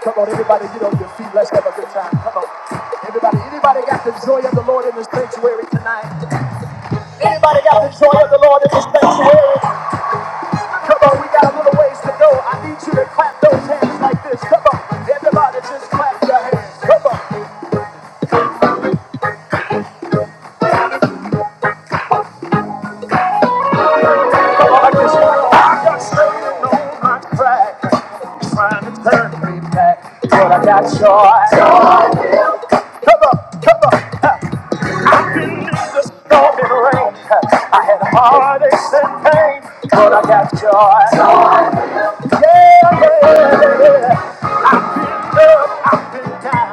Come on, everybody, get on your feet. Let's have a good time. Come on. Everybody, anybody got the joy of the Lord in the sanctuary tonight? Anybody got the joy of the Lord in the sanctuary? Come on, we got a little ways to go. I need you to clap those hands like this. Come on. Everybody just clap your hands. Come on. Come on, like this. I got Satan on my track. Trying to turn me back. But I got joy. Joy. Come on, come on. Ha. I've been in the storm and rain. I had heartaches and pain, but I got joy. Joy. Yeah, yeah, yeah. Look, I've been down.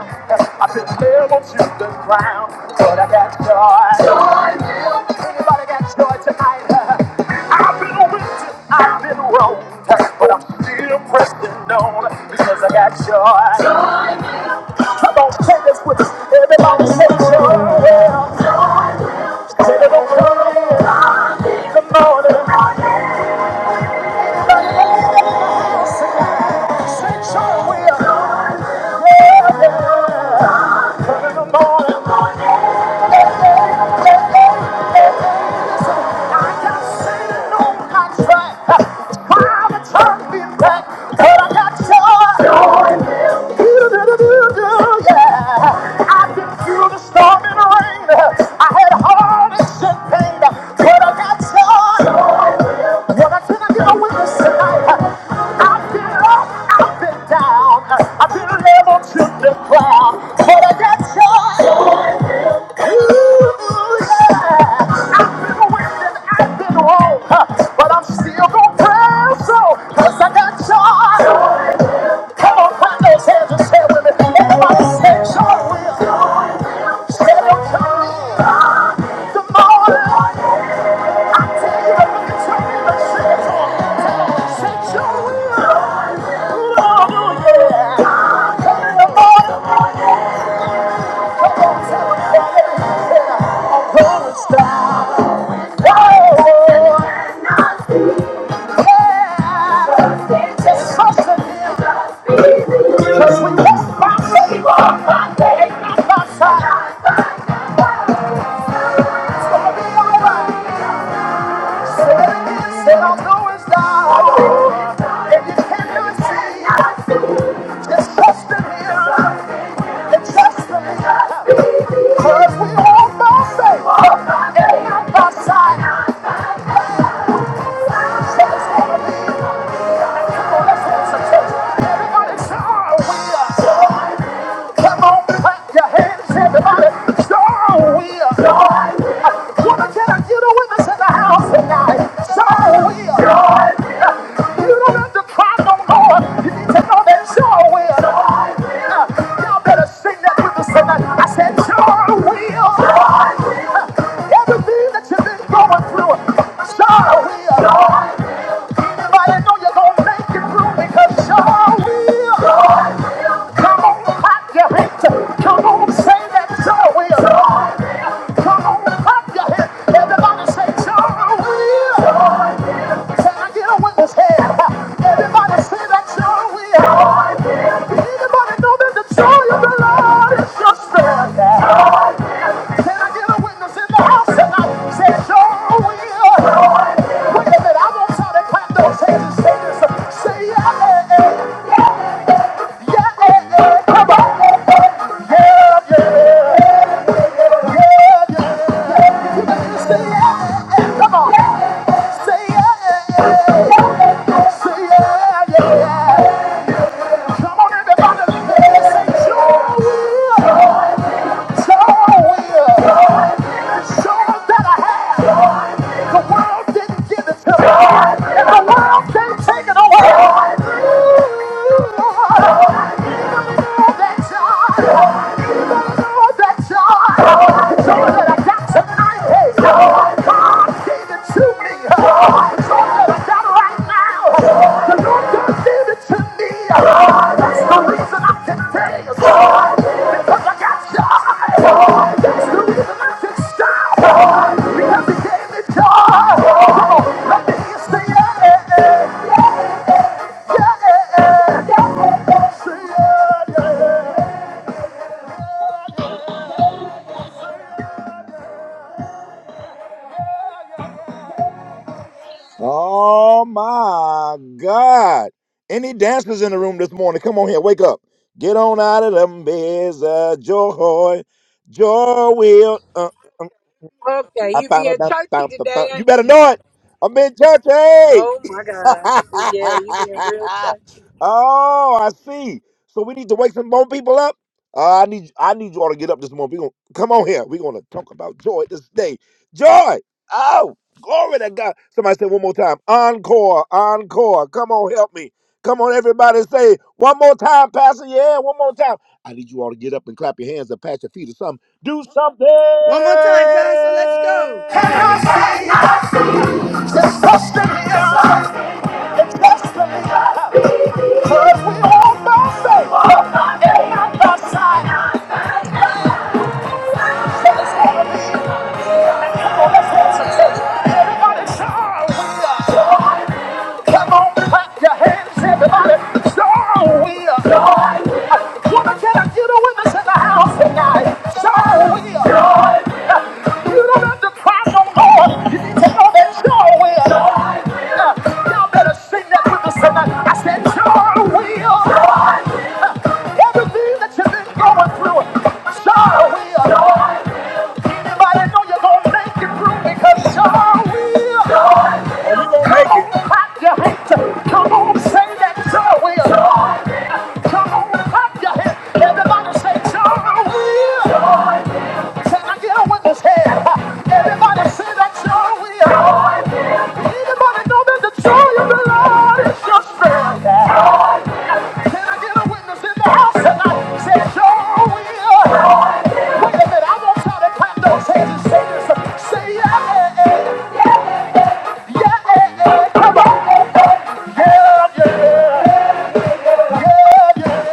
I've been leveled to the ground, but I got joy. Joy. Anybody got joy tonight? I've been whipped, I've been wronged, but I'm still pressed and on because I got joy. Joy. Come on, take this with us. Everybody say joy. Say it over. Good morning. Say, sure we are. Yeah, good morning. Storm and rain. I had heartaches and pain, but I got joy. Well, I said I get a witness tonight. I've been up, I've been down, I've been level to the ground. But I got joy. Ooh, yeah. I've been winning, I've been wrong, but I'm still gonna press on, 'cause I got joy. Come on, clap those hands and say it with me. Everybody say joy will. Say it with me. The morning. Because we walk by faith, by faith, not by sight. It's gonna be alright. Said I'm going down, and you cannot Just trust in Him, and trust in Him. 'Cause we all by faith, and not by sight. So it's going Come on, let's have some Everybody say, "Oh, we Come on, clap your hands, everybody. Sure will. Joy will. Woman, can I get a witness in the house tonight? Sure will. Joy will. You don't have to cry no more. You need to know that sure will. Joy will. Y'all better sing that with us tonight. I said sure will. Joy will. Everything that you've been going through, sure will. Joy will. But know you're gonna make it through because y'all will. Come on, clap your hands. Come on, say that y'all will. Come on, clap your hands. Everybody say y'all will. Can I get a witness here? Everybody say that y'all will. Anybody know that the joy of the Lord is your strength? Can I get a witness in the house tonight? Say, sure will. Wait a minute, I want y'all to clap those hands and say this. Say, yeah, yeah, yeah, yeah, yeah, yeah. Come on, yeah, yeah, yeah, yeah, yeah. yeah, yeah, yeah. Come on. Say, yeah, yeah, yeah. Say, yeah, yeah, yeah. Come on, everybody. Say, sure will. Sure will. Show 'em that I have. The world didn't give it to me. The world can't take it away. Oh, that joy. Oh, that joy. Joy that I got tonight. Hey, God gave it to me. Joy that I got right now. The Lord God gave it to me. That's the reason I can take. I got joy. That's the reason I can stop. Because He gave me joy. Come on, let me hear you say it. Oh my God. Any dancers in the room this morning? Come on here, wake up. Get on out of them beds. Uh, joy. Joy will. Uh, Okay, I you found it, being churchy found I found today, you ain't better you? know it. I'm in church. hey. Oh my God. Yeah, you being real churchy. oh, I see. So we need to wake some more people up. Uh, I need I need you all to get up this morning. We gonna come on here. We're gonna talk about joy this day. Joy. Oh, glory to God. Somebody say one more time. Encore, encore. Come on, help me. Come on, everybody say one more time, Pastor. Yeah, one more time. I need you all to get up and clap your hands or pat your feet or something. Do One more time, Pastor. Let's go. something. Just trust in Him. It's trust in Him. Cause we all know faith and not by sight. So it's gonna be. Come on, let's have some church. Everybody shout, we joy. Come on, clap your hands, everybody. Shout, we are joy. Woman, can I get a witness in the house tonight? Shout, we are joy. You don't have to cry. Come on, clap your hands. Everybody say, John will. Can I get a witness here? Everybody say that joy will. Anybody know that the joy of the Lord is your strength? Can I get a witness in the house tonight? Say joy will. Wait a minute, I want y'all to clap those hands and say this. Say yeah, yeah, yeah, yeah, yeah, yeah. Yeah, yeah, yeah, yeah. yeah, yeah.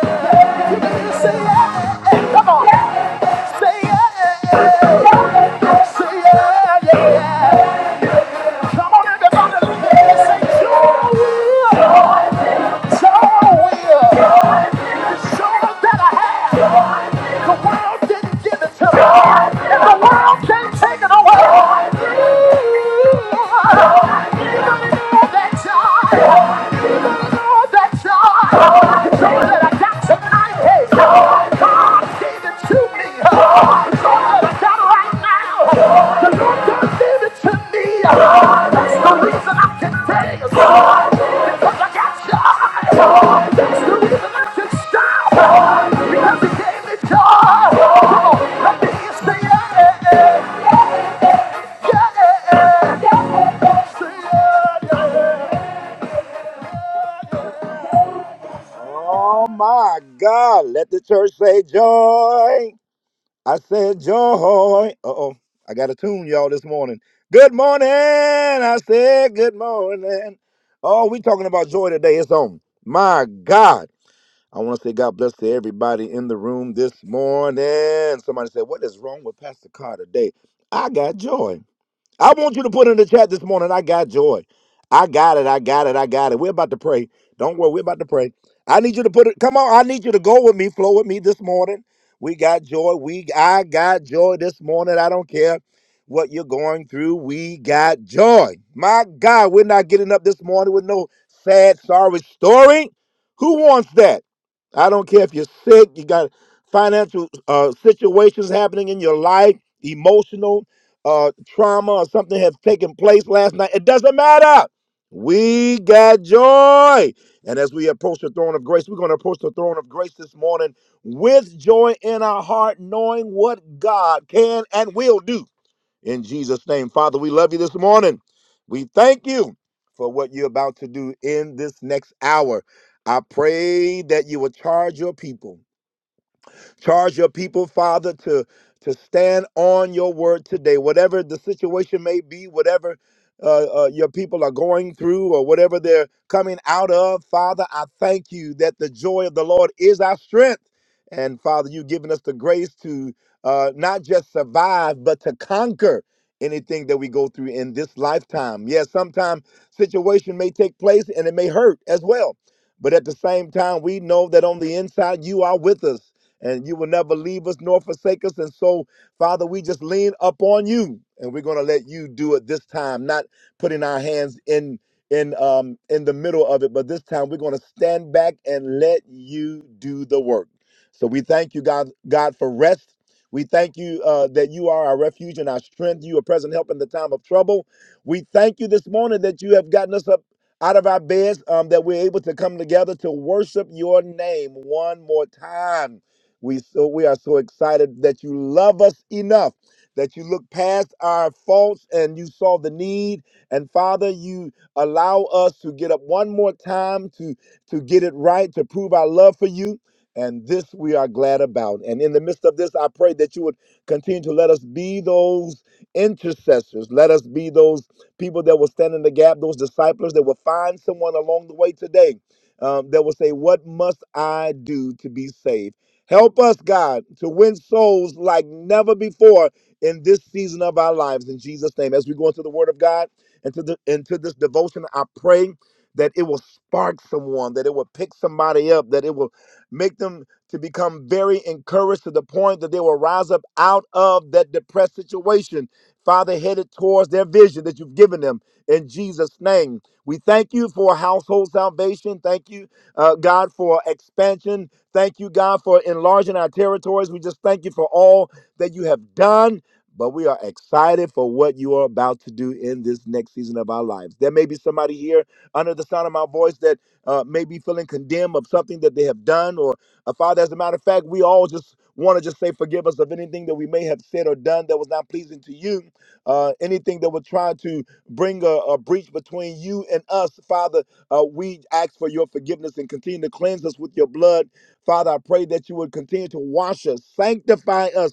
Say yeah, yeah, come on. Say yeah, yeah, yeah. Say yeah, yeah, yeah. Come on, everybody. Say sure will, sure will. Sure that I have. The world didn't give it to me, and the world can't take it away. Yeah, that's all. Oh my God, let the church say joy. I said joy. Uh oh, I got a tune, y'all, this morning. Good morning. I said good morning. Oh, we talking about joy today. It's on. My God. I want to say God bless to everybody in the room this morning. Somebody said, What is wrong with Pastor Carr today? I got joy. I want you to put in the chat this morning. I got joy. I got it. I got it. I got it. We're about to pray. Don't worry. We're about to pray. I need you to put it. Come on. I need you to go with me, flow with me this morning. We got joy. We I got joy this morning. I don't care what you're going through. We got joy. My God, we're not getting up this morning with no sad, sorry story. Who wants that? I don't care if you're sick. You got financial uh, situations happening in your life, emotional uh, trauma or something has taken place last night. It doesn't matter. We got joy. And as we approach the throne of grace, we're going to approach the throne of grace this morning with joy in our heart, knowing what God can and will do. In Jesus' name, Father, we love you this morning. We thank you for what you're about to do in this next hour. I pray that you will charge your people Charge your people, Father, to to stand on your word today, whatever the situation may be, whatever uh, uh, your people are going through or whatever they're coming out of. Father, I thank you that the joy of the Lord is our strength. And Father, you've given us the grace to uh, not just survive, but to conquer anything that we go through in this lifetime. Yes, sometimes situation may take place and it may hurt as well. But at the same time, we know that on the inside, you are with us and you will never leave us nor forsake us. And so, Father, we just lean up on you, and we're going to let you do it this time, not putting our hands in in um in the middle of it, but this time we're going to stand back and let you do the work. So we thank you, God, God, for rest. We thank you uh, that you are our refuge and our strength. You are present help in the time of trouble. We thank you this morning that you have gotten us up out of our beds, um, that we're able to come together to worship your name one more time. We so we are so excited that you love us enough that you look past our faults and you saw the need and father you allow us to get up one more time to to get it right to prove our love for you and this we are glad about and in the midst of this i pray that you would continue to let us be those intercessors let us be those people that will stand in the gap those disciples that will find someone along the way today um, that will say what must i do to be saved Help us, God, to win souls like never before in this season of our lives. In Jesus' name, as we go into the Word of God and to the into this devotion, I pray that it will spark someone, that it will pick somebody up, that it will. Make them to become very encouraged to the point that they will rise up out of that depressed situation, Father, headed towards their vision that you've given them in Jesus' name. We thank you for household salvation. Thank you, uh, God, for expansion. Thank you, God, for enlarging our territories. We just thank you for all that you have done but we are excited for what you are about to do in this next season of our lives. There may be somebody here under the sound of my voice that uh, may be feeling condemned of something that they have done, or uh, Father, as a matter of fact, we all just want to just say, forgive us of anything that we may have said or done that was not pleasing to you, uh, anything that would try to bring a, a breach between you and us, Father. Uh, we ask for your forgiveness and continue to cleanse us with your blood. Father, I pray that you would continue to wash us, sanctify us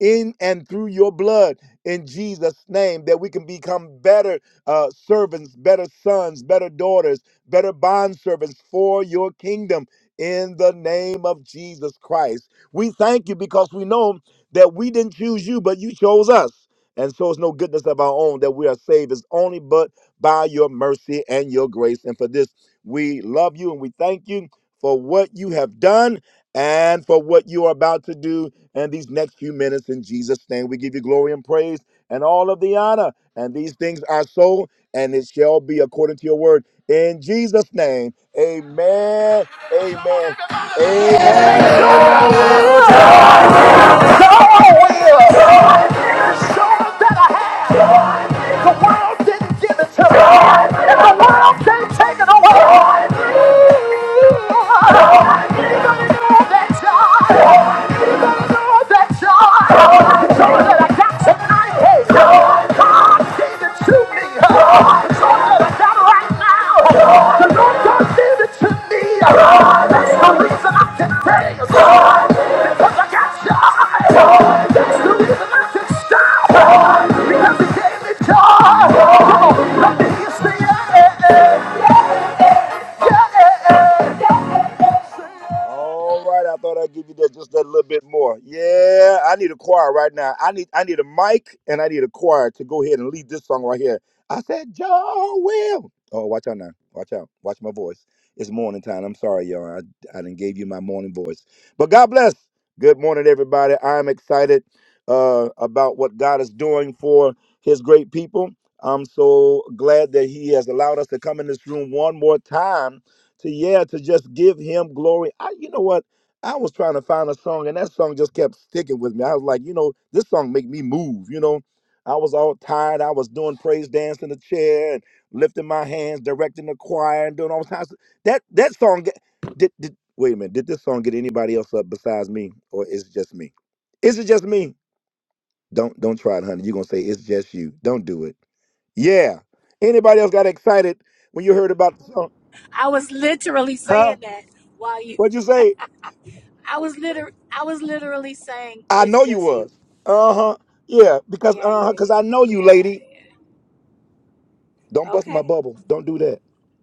in and through your blood in Jesus' name, that we can become better uh, servants, better sons, better daughters, better bond servants for your kingdom in the name of Jesus Christ. We thank you because we know that we didn't choose you, but you chose us. And so it's no goodness of our own that we are saved. It's only but by your mercy and your grace. And for this, we love you and we thank you for what you have done and for what you are about to do in these next few minutes. In Jesus' name, we give you glory and praise and all of the honor. And these things are so, and it shall be according to your word. In Jesus' name, amen, amen, amen. The world didn't give it to me. And the world can't take it away. Even in all that time. Stop! Because he gave me joy. Come on, let me hear you say yeah. All right, I thought I'd give you that just that little bit more. Yeah, I need a choir right now. I need I need a mic and I need a choir to go ahead and lead this song right here. I said, Joe Will. Oh, watch out now. Watch out. Watch my voice. It's morning time. I'm sorry, y'all. I, I didn't gave you my morning voice. But God bless. Good morning, everybody. I'm excited uh, about what God is doing for his great people. I'm so glad that he has allowed us to come in this room one more time to yeah to just give him glory. I you know what? I was trying to find a song and that song just kept sticking with me. I was like, you know, this song make me move, you know. I was all tired. I was doing praise dance in the chair and lifting my hands, directing the choir and doing all kinds of that that song get- did, did wait a minute, did this song get anybody else up besides me? Or is it just me? Is it just me? Don't don't try it, honey. You're gonna say it's just you. Don't do it yeah. Anybody else got excited when you heard about the song? I was literally Huh? saying that while you. What'd you say? I was liter. I was literally saying I it's know you just you. was. Uh-huh. Yeah, because Yeah, uh-huh, yeah, because yeah, I know you, lady. yeah. Don't bust my Okay, bubble. Don't do that.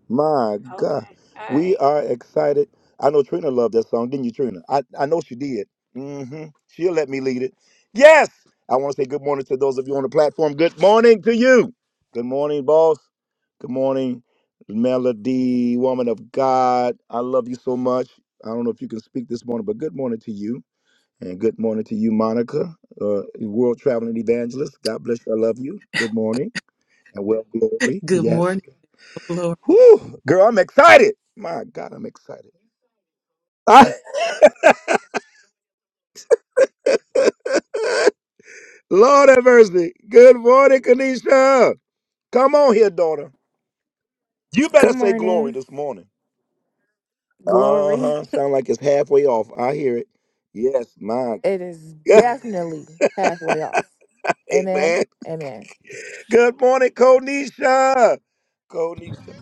My okay, God. all We right. are excited. I know Trina loved that song, didn't you, Trina? I, I know she did. hmm She'll let me lead it. Yes! I want to say good morning to those of you on the platform. Good morning to you. Good morning, boss. Good morning, Melody, woman of God. I love you so much. I don't know if you can speak this morning, but good morning to you. And good morning to you, Monica, uh, world traveling evangelist. God bless you. I love you. Good morning and well glory. Good Yes. morning, Lord. Whew, girl, I'm excited. My God, I'm excited. I, Lord have mercy. Good morning, Kanisha. Come on here, daughter. You better Good say glory morning, this morning. Uh glory. huh. Sound like it's halfway off. I hear it. Yes, my. It is definitely halfway off. Amen. Amen. Amen. Good morning, Konisha. Konisha.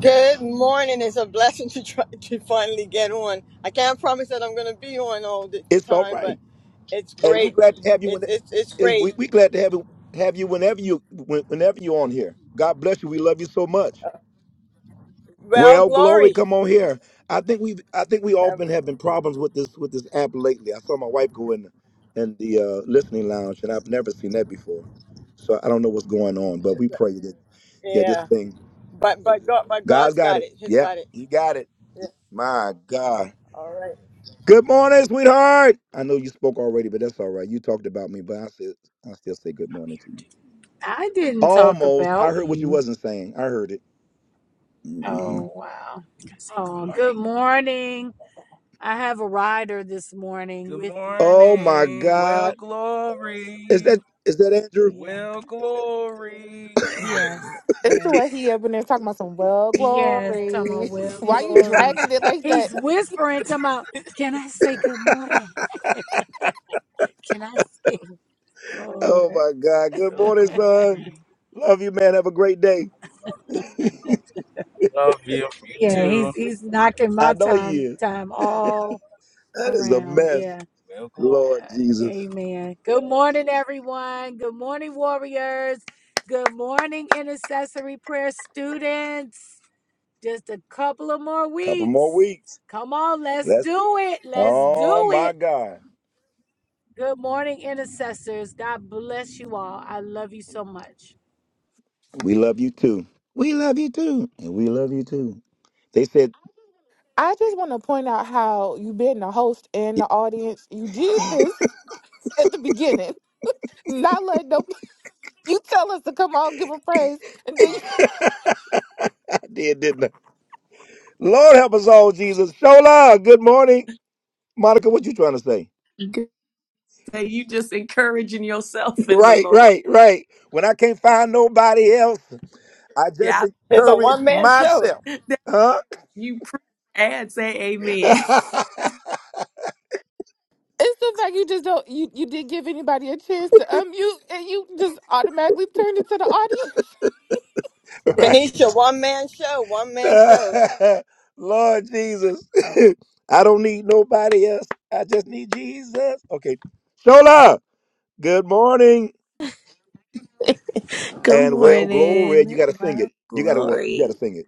Good morning. It's a blessing to try to finally get on. I can't promise that I'm going to be on all the It's all time, but right. it's Hey, we're great. glad to have you. When It's it's it's is great. we we glad to have you have you whenever you when- whenever you're on here. God bless you. We love you so much. Well, Well, glory, glory. come on here. I think we've I think we Um, often have been problems with this with this app lately. I saw my wife go in in the uh, listening lounge, and I've never seen that before. So I don't know what's going on, but we pray that yeah, this Yeah, thing but but God, but God's God's got got it. it. He's Yep, got it. He got it. Yeah. My God. All right. Good morning, sweetheart. I know you spoke already, but that's all right. You talked about me, but I said I still say good morning to you. I didn't talk Almost. I about heard what you you. wasn't saying. I heard it. hmm Oh wow. Oh, good morning. I have a rider this morning Good with me. Oh my morning. Okay. Well, God. Is glory. that is that Andrew? Yeah. Well, glory. Yes. It's the way Yes. he up in there talking about some well Yes. Tama glory. well Why you glory. dragging it like that? He's whispering to my can I say good morning? Can I say glory? Oh my God. Good morning, son. Love you, man. Have a great day. Love you. You Yeah, too. he's he's knocking I my know he time is. time all That is a around. mess, Yeah. Well, glory. Lord Uh, Jesus. Amen. Good morning, everyone. Good morning, warriors. Good morning, intercessory prayer students. Just a couple of more Couple more weeks. weeks. Come on, let's That's do it. Let's oh do my it. God. Good morning, intercessors. God bless you all. I love you so much. We love you too. We love you too. And we love you too. They said, I just want to point out how you been the host and the audience. You did this at the beginning, not let nobody You tell us to come on, give them praise, and then you, I did, didn't I? Lord help us all, Jesus. Show love. Good morning. Monica, what you trying to say? Good Right, right, right. When I can't find nobody else, I just Yeah, It's a encourage one man show. myself. I- that- Huh? you pre and say amen. it's the fact you just don't you you didn't give anybody a chance to unmute, and you just automatically turned it to the audience. right. Kanisha, one man show. One man show. Lord Jesus. I don't need nobody else. I just need Jesus. Okay. Shola, good morning good and well glory. You morning. gotta sing Wow, it. You gotta you gotta glory. sing it.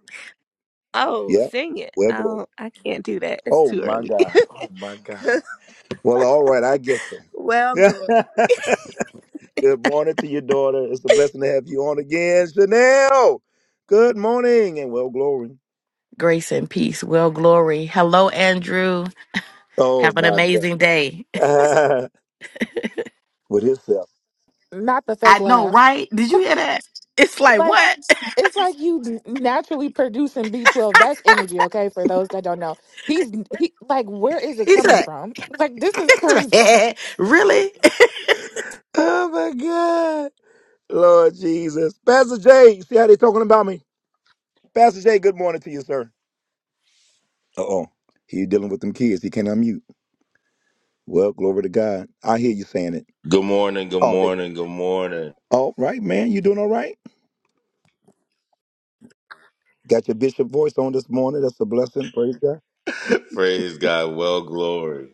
Oh, Yeah. sing it. Well glory. Oh, I can't do that. It's Oh too my early. God. Oh my God. Well, all right, I guess so. well, Yeah. glory. good morning to your daughter. It's a blessing to have you on again. Chanel. Good morning and well glory. Grace and peace. Well, glory. Hello, Andrew. Oh Have an my amazing day. God. With himself. Not the I fake know, laugh. right? Did you Come- hear that? It's like, Like what? it's like you naturally producing B twelve. That's energy, okay? For those that don't know, he's he like where is it He coming said, from? Like this is crazy. really? Oh my God. Lord Jesus. Pastor Jay, see how they talking about me? Pastor Jay, good morning to you, sir. Uh-oh. He dealing with them kids. He can't unmute. Well, glory to God. I hear you saying it. Good morning, good Oh, there you go. morning, good morning. All right, man. You doing all right? Got your bishop voice on this morning. That's a blessing. Praise God. Praise God. Well, glory.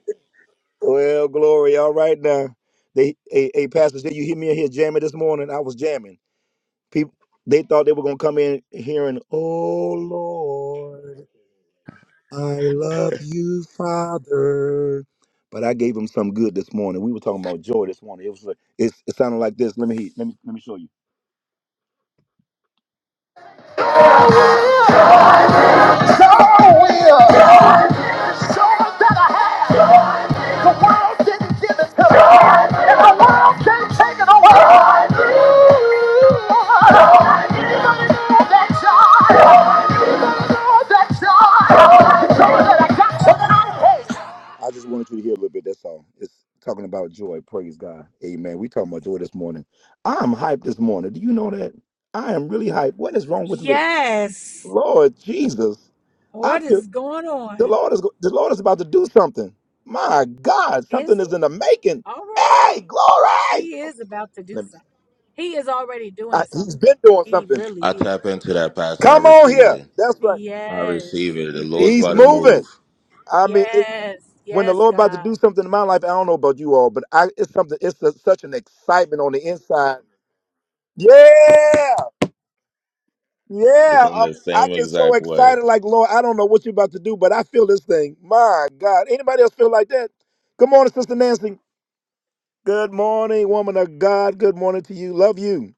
Well, glory. All right now. They hey, hey Pastor Jay, you hear me in here jamming this morning? I was jamming. People they thought they were gonna come in hearing, oh Lord. I love you, Father. But I gave him some good this morning. We were talking about joy this morning. It was like it, it sounded like this. Let me let me let me show you. God will show us that I have. The world didn't give it to us, and the world can't take it away. God will. God will. Anybody know That joy. I just wanted you to hear a little bit. That's all. It's talking about joy. Praise God. Amen. We talking about joy this morning. I'm hyped this morning. Do you know that? I am really hyped. What is wrong with me? Yes. Lord Jesus, I What feel is going the on? Lord is the Lord is about to do something. My God, Is something he? is in the making. All right. Hey, glory! He is about to do Let me- something. He is already doing I- he's something. been doing He something. I really is. tap into that, Pastor. I Come on receive here. it. That's right. I Yes. receive it. The He Lord's really He's about to is. move moving. I mean, Yes. when the Yes, Lord about to God. do something in my life, I don't know about you all, but I it's something. It's a, such an excitement on the inside. Yeah, yeah. from Um, the I same get so exact way. excited, like Lord, I don't know what you're about to do, but I feel this thing. My God, anybody else feel like that? Good morning, Sister Nancy. Good morning, woman of God. Good morning to you. Love you.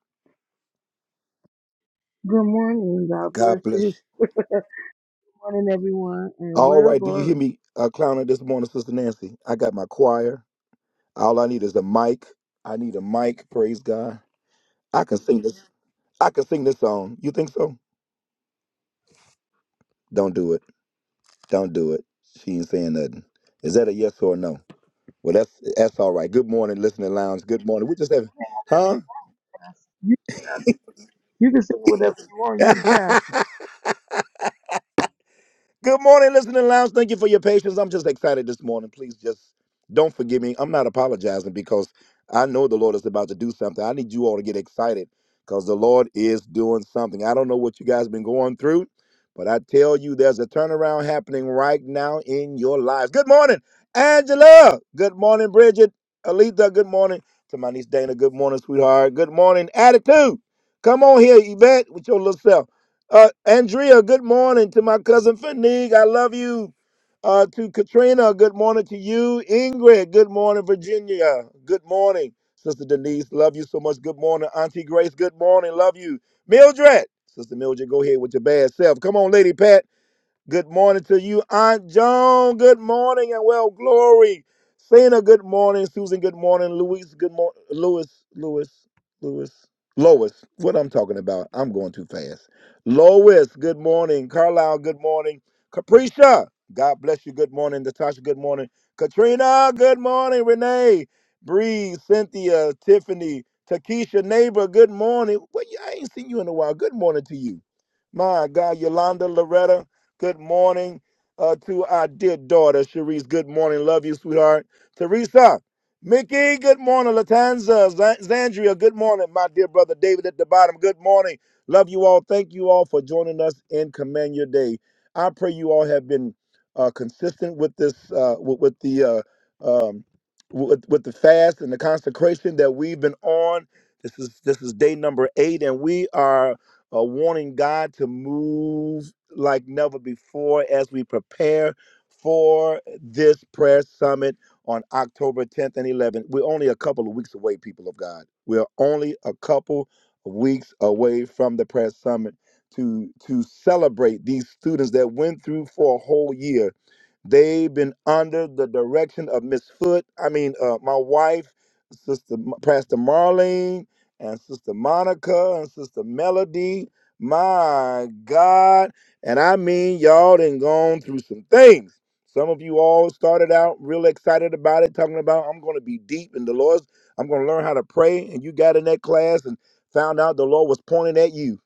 Good morning. God bless God bless. you. you. Good morning, everyone, and All well, right, do you hear glory. me uh, clowning this morning, Sister Nancy? I got my choir. All I need is a mic. I need a mic. Praise God. I can sing this. I can sing this song. You think so? Don't do it. Don't do it. She ain't saying nothing. Is that a yes or a no? Well, that's that's all right. Good morning, listening lounge. Good morning. We just having, Say whatever you huh? pass. You pass. You can say whatever you want. You the pastor. Good morning, listening lounge. Thank you for your patience. I'm just excited this morning. Please just don't forgive me. I'm not apologizing because I know the Lord is about to do something. I need you all to get excited because the Lord is doing something. I don't know what you guys been going through, but I tell you, there's a turnaround happening right now in your lives. Good morning, Angela. Good morning, Bridget. Alita, good morning. To my niece Dana, good morning, sweetheart. Good morning, Attitude. Come on here, Yvette, with your little self. Uh, Andrea, good morning to my cousin Fanique. I love you. Uh, to Katrina, good morning to you. Ingrid, good morning, Virginia. Good morning, Sister Denise. Love you so much. Good morning, Auntie Grace. Good morning. Love you, Mildred. Sister Mildred, go ahead with your bad self. Come on, Lady Pat. Good morning to you, Aunt Joan. Good morning and well glory. Cena, good morning. Susan, good morning. Louise, good morning. Louis, Louis, Louis, Lois. What I'm talking about? I'm going too fast. Lois, good morning. Carlisle, good morning. Capricia, God bless you. Good morning. Natasha, good morning. Katrina, good morning. Renee, Bree, Cynthia, Tiffany, Takesha, neighbor, good morning. Well, I ain't seen you in a while. Good morning to you. My God, Yolanda, Loretta, Good morning uh, to our dear daughter, Sharice. Good morning. Love you, sweetheart. Teresa, Mickey, good morning. Latanza, Za- Zandria, good morning. My dear brother David at the bottom, good morning. Love you all. Thank you all for joining us in Command Your Day. I pray you all have been uh, consistent with this, uh, with, with the uh, um, with, with the fast and the consecration that we've been on. This is this is day number eight, and we are uh, wanting God to move like never before as we prepare for this prayer summit on October 10th and 11th. We're only a couple of weeks away, people of God. We're only a couple of weeks away from the prayer summit to to celebrate these students that went through for a whole year They've been under the direction of Miss Foot. I mean, uh, my wife, Sister M- Pastor Marlene, and Sister Monica, and Sister Melody. My God. And I mean, y'all done gone through some things. Some of you all started out real excited about it, talking about, I'm going to be deep in the Lord's. I'm going to learn how to pray. And you got in that class and found out the Lord was pointing at you.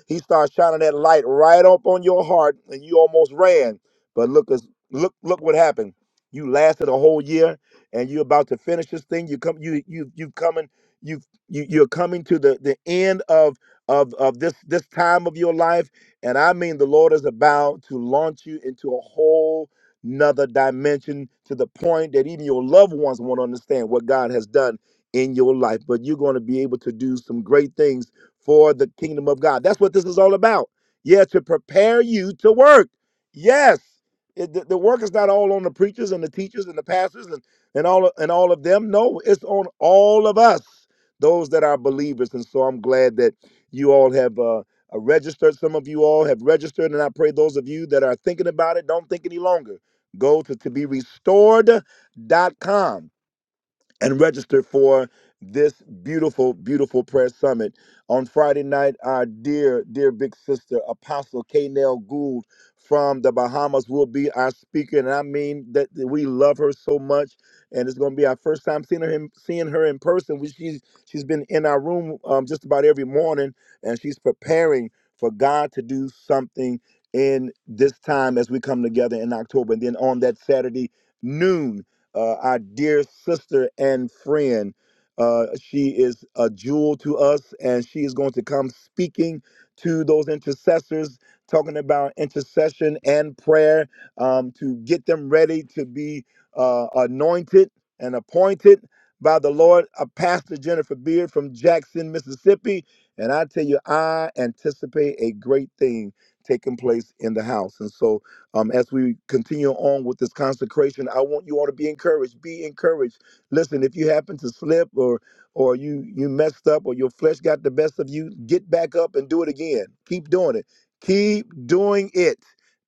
he starts shining that light right up on your heart, and you almost ran. But look, us- look, look what happened. You lasted a whole year, and you're about to finish this thing. You come, you, you, you coming, you, you, you're coming to the the end of of of this this time of your life, and I mean the Lord is about to launch you into a whole another dimension to the point that even your loved ones won't understand what God has done in your life. But you're going to be able to do some great things for the kingdom of God. That's what this is all about. Yeah, to prepare you to work. Yes. It, the, the work is not all on the preachers and the teachers and the pastors and, and all of- and all of them. No, it's on all of us, those that are believers. And so I'm glad that you all have uh, uh, registered. Some of you all have registered, and I pray those of you that are thinking about it don't think any longer. Go to to be restored dot com and register for this beautiful, beautiful prayer summit. On Friday night, our dear, dear big sister, Apostle K. Nell Gould from the Bahamas will be our speaker. And I mean that that we love her so much. And it's gonna be our first time seeing her in, seeing her in person. We, she's she's been in our room um, just about every morning and she's preparing for God to do something in this time as we come together in October. And then on that Saturday noon uh, our dear sister and friend. Uh, she is a jewel to us, and she is going to come speaking to those intercessors, talking about intercession and prayer um, to get them ready to be uh, anointed and appointed by the Lord. Uh, Pastor Jennifer Beard from Jackson, Mississippi. And I tell you, I anticipate a great thing taking place in the house. And so, um, as we continue on with this consecration, I want you all to be encouraged. Be encouraged. Listen, if you happen to slip or or you you messed up or your flesh got the best of you, get back up and do it again. Keep doing it. Keep doing it.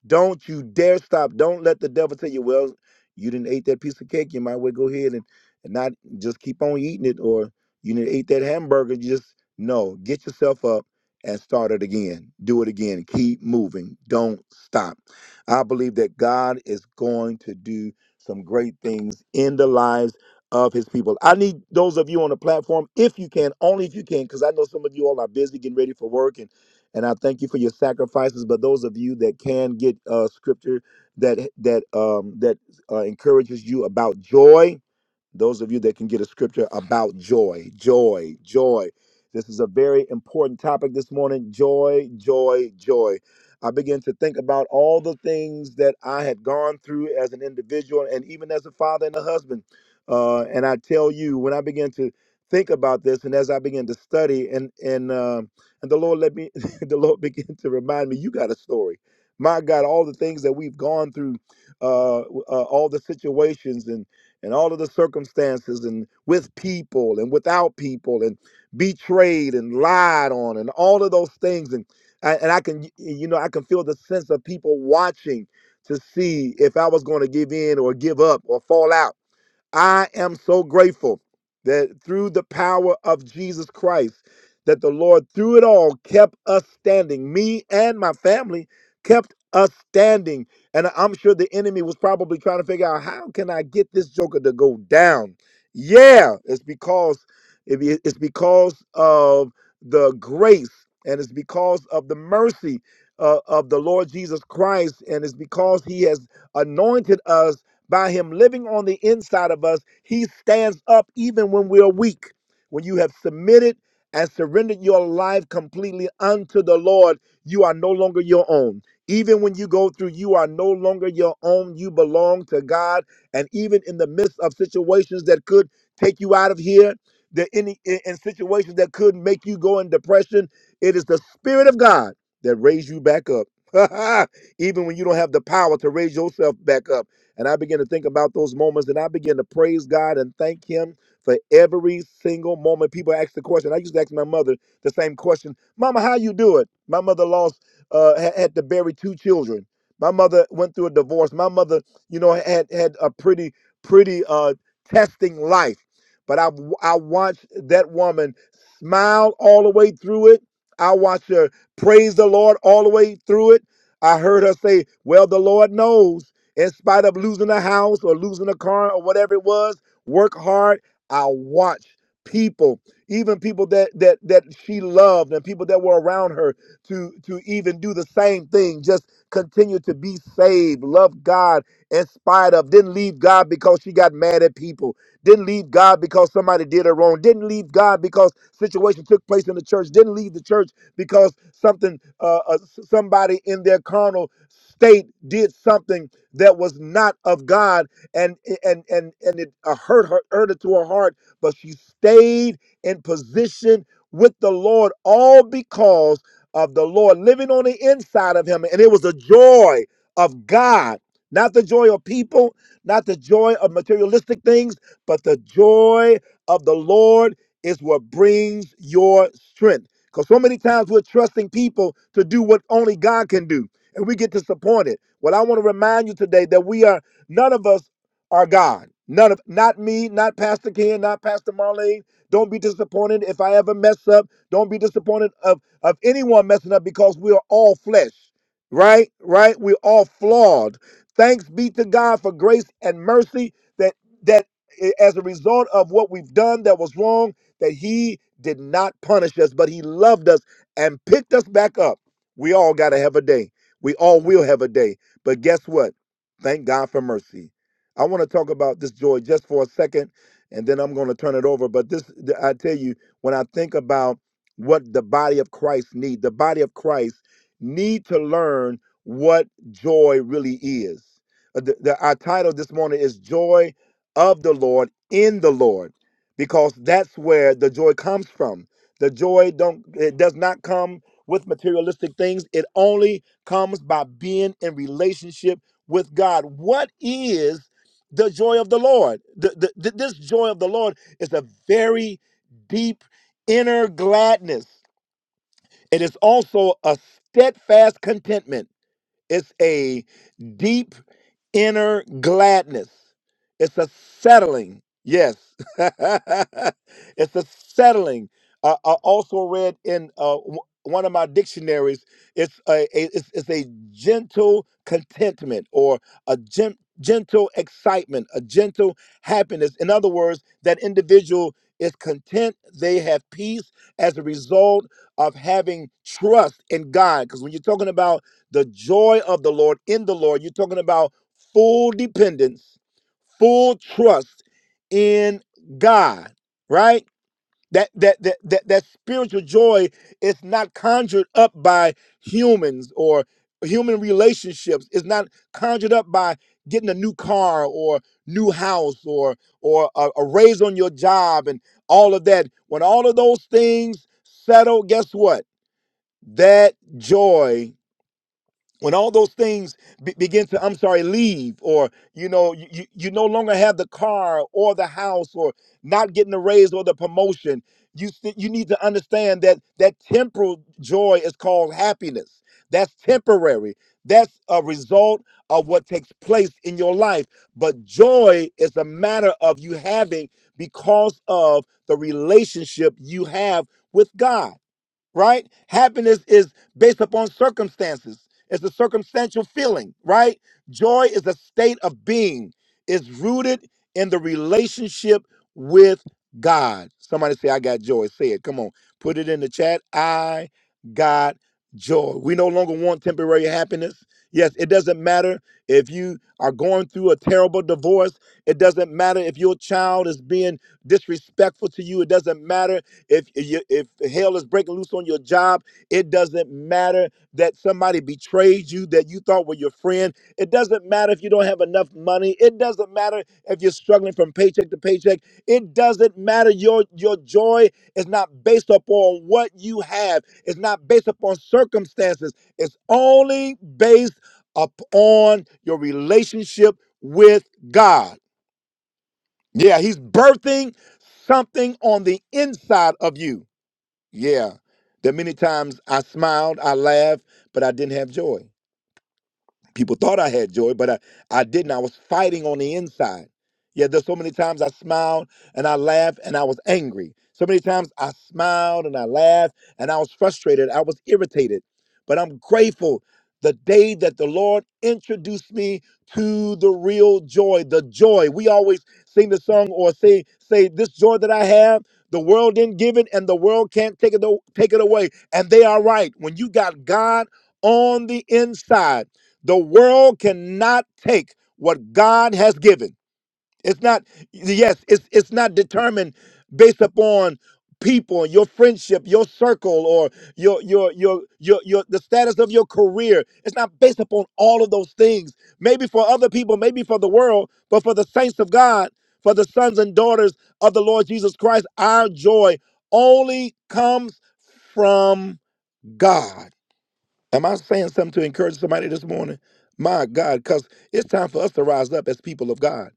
Don't you dare stop. Don't let the devil tell you, well, you didn't eat that piece of cake. You might well go ahead and, and not just keep on eating it or you didn't eat that hamburger. You just no, get yourself up and start it again. Do it again. Keep moving. Don't stop. I believe that God is going to do some great things in the lives of his people. I need those of you on the platform, if you can, only if you can, because I know some of you all are busy getting ready for work, and and I thank you for your sacrifices. But those of you that can get uh, scripture that that um, that uh, encourages you about joy, those of you that can get a scripture about joy, joy, joy. This is a very important topic this morning. Joy, joy, joy. I began to think about all the things that I had gone through as an individual and even as a father and a husband. Uh, and I tell you, when I began to think about this and as I began to study and and um and the Lord let me the Lord began to remind me, you got a story. My God, all the things that we've gone through, uh, uh all the situations and and all of the circumstances and with people and without people and betrayed and lied on and all of those things and I, and I can you know I can feel the sense of people watching to see if I was going to give in or give up or fall out I am so grateful that through the power of Jesus Christ, that the Lord through it all kept us standing. Me and my family kept us standing. And I'm sure the enemy was probably trying to figure out how can I get this joker to go down? Yeah, it's because it- it's because of the grace and it's because of the mercy uh, of the Lord Jesus Christ and it's because he has anointed us by him living on the inside of us, he stands up even when we are weak. When you have submitted and surrendered your life completely unto the Lord, you are no longer your own. Even when you go through, you are no longer your own. You belong to God. And even in the midst of situations that could take you out of here, that any in in situations that could make you go in depression, it is the Spirit of God that raised you back up. even when you don't have the power to raise yourself back up. And I begin to think about those moments and I begin to praise God and thank Him for every single moment. People ask the question. I used to ask my mother the same question Mama, how you do it? My mother lost, uh, had, had to bury two children. My mother went through a divorce. My mother, you know, had had a pretty, pretty uh, testing life. But I, I watched that woman smile all the way through it. I watched her praise the Lord all the way through it. I heard her say, Well, the Lord knows in spite of losing a house or losing a car or whatever it was, work hard. I watch people, even people that that that she loved and people that were around her to to even do the same thing. Just continue to be saved, love God in spite of, didn't leave God because she got mad at people, didn't leave God because somebody did her wrong, didn't leave God because situation took place in the church, didn't leave the church because something uh, uh s- somebody in their carnal state did something that was not of God, and and and and it uh, hurt her, hurt her to her heart. But she stayed in position with the Lord, all because of the Lord living on the inside of him, and it was the joy of God, not the joy of people, not the joy of materialistic things, but the joy of the Lord is what brings your strength. Because so many times we're trusting people to do what only God can do and we get disappointed. Well, I want to remind you today that we are none of us are God. None of not me, not Pastor Ken, not Pastor Marlene. Don't be disappointed if I ever mess up. Don't be disappointed of of anyone messing up because we are all flesh. Right? Right? We're all flawed. Thanks be to God for grace and mercy that that eh, as a result of what we've done that was wrong, that he did not punish us, but he loved us and picked us back up. We all got to have a day. We all will have a day. But guess what? Thank God for mercy. I want to talk about this joy just for a second, and then I'm going to turn it over. But this, I tell you, when I think about what the body of Christ need, the body of Christ need to learn what joy really is. Uh, The, the, our title this morning is Joy of the Lord in the Lord, because that's where the joy comes from. The joy don't it does not come with materialistic things. It only comes by being in relationship with God. What is the joy of the Lord? The- the- the- this joy of the Lord is a very deep inner gladness. It is also a steadfast contentment. It's a deep inner gladness. It's a settling. Yes. it's a settling. I, I also read in uh, w- one of my dictionaries, it's a, a it's, it's a gentle contentment or a gen- gentle excitement, a gentle happiness. In other words, that individual is content, they have peace as a result of having trust in God. Because when you're talking about the joy of the Lord in the Lord. You're talking about full dependence, full trust in God, right? That that that that, that spiritual joy is not conjured up by humans or human relationships. It's not conjured up by getting a new car or new house or or a, a raise on your job and all of that. When all of those things settle, guess what? That joy when all those things be- begin to i'm sorry leave or you know you, you you no longer have the car or the house or not getting the raise or the promotion you st- you need to understand that that temporal joy is called happiness that's temporary that's a result of what takes place in your life but joy is a matter of you having because of the relationship you have with god right? Happiness is based upon circumstances. It's a circumstantial feeling, right? Joy is a state of being. It's rooted in the relationship with God. Somebody say, I got joy. Say it. Come on. Put it in the chat. I got joy. We no longer want temporary happiness. Yes, it doesn't matter if you are going through a terrible divorce. It doesn't matter if your child is being disrespectful to you. It doesn't matter if if you, if hell is breaking loose on your job, it doesn't matter that somebody betrayed you that you thought were your friend. It doesn't matter if you don't have enough money. It doesn't matter if you're struggling from paycheck to paycheck. It doesn't matter. Your your joy is not based upon what you have. It's not based upon circumstances. It's only based upon your relationship with God. Yeah, He's birthing something on the inside of you. Yeah. There are many times I smiled, I laughed, but I didn't have joy. People thought I had joy, but I, I didn't. I was fighting on the inside. Yeah, there's so many times I smiled and I laughed and I was angry. So many times I smiled and I laughed and I was frustrated. I was irritated. But I'm grateful the day that the Lord introduced me to the real joy, the joy. We always sing the song or say, say, this joy that I have, the world didn't give it and the world can't take it, o- take it away. And they are right. When you got God on the inside, the world cannot take what God has given. It's not, yes, it's it's not determined based upon people, your friendship, your circle, or your your your your your the status of your career. It's not based upon all of those things. Maybe for other people, maybe for the world, but for the saints of God, for the sons and daughters of the Lord Jesus Christ, our joy only comes from God. Am I saying something to encourage somebody this morning? My God, because it's time for us to rise up as people of God.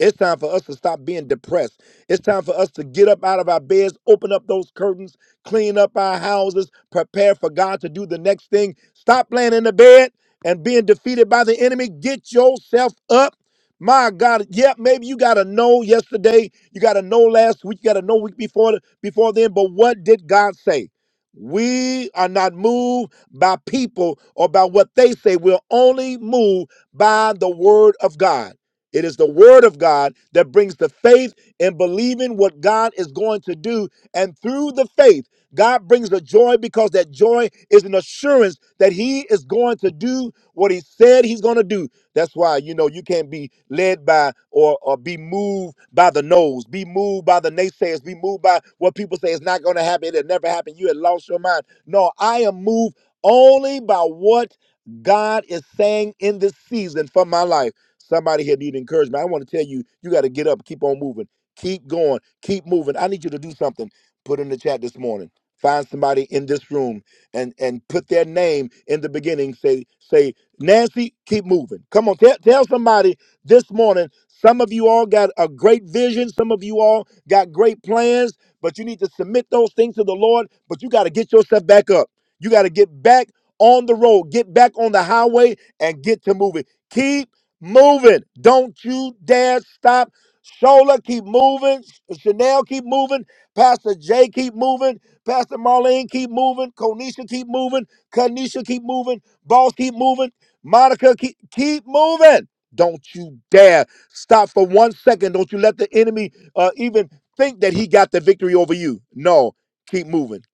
It's time for us to stop being depressed. It's time for us to get up out of our beds, open up those curtains, clean up our houses, prepare for God to do the next thing. Stop laying in the bed and being defeated by the enemy. Get yourself up. My God, yeah, maybe you got to know yesterday, you got to know last week, you got to know week before before then, but what did God say? We are not moved by people or by what they say. We're only moved by the word of God. It is the word of God that brings the faith in believing what God is going to do. And through the faith, God brings the joy because that joy is an assurance that he is going to do what he said he's going to do. That's why, you know, you can't be led by or, or be moved by the nose, be moved by the naysayers, be moved by what people say is not going to happen. It'll never happen. You had lost your mind. No, I am moved only by what God is saying in this season for my life. Somebody here need encouragement. I want to tell you, you got to get up, keep on moving, keep going, keep moving. I need you to do something. Put in the chat this morning. Find somebody in this room and and put their name in the beginning. Say say Nancy, keep moving. Come on, tell tell somebody this morning. Some of you all got a great vision. Some of you all got great plans, but you need to submit those things to the Lord. But you got to get yourself back up. You got to get back on the road, get back on the highway, and get to moving. Keep moving. Don't you dare stop. Shola, keep moving. Chanel, keep moving. Pastor Jay, keep moving. Pastor Marlene, keep moving. Konisha, keep moving. Kanisha, keep moving. Boss, keep moving. Monica, keep, keep moving. Don't you dare stop for one second. Don't you let the enemy uh, even think that he got the victory over you. No, keep moving.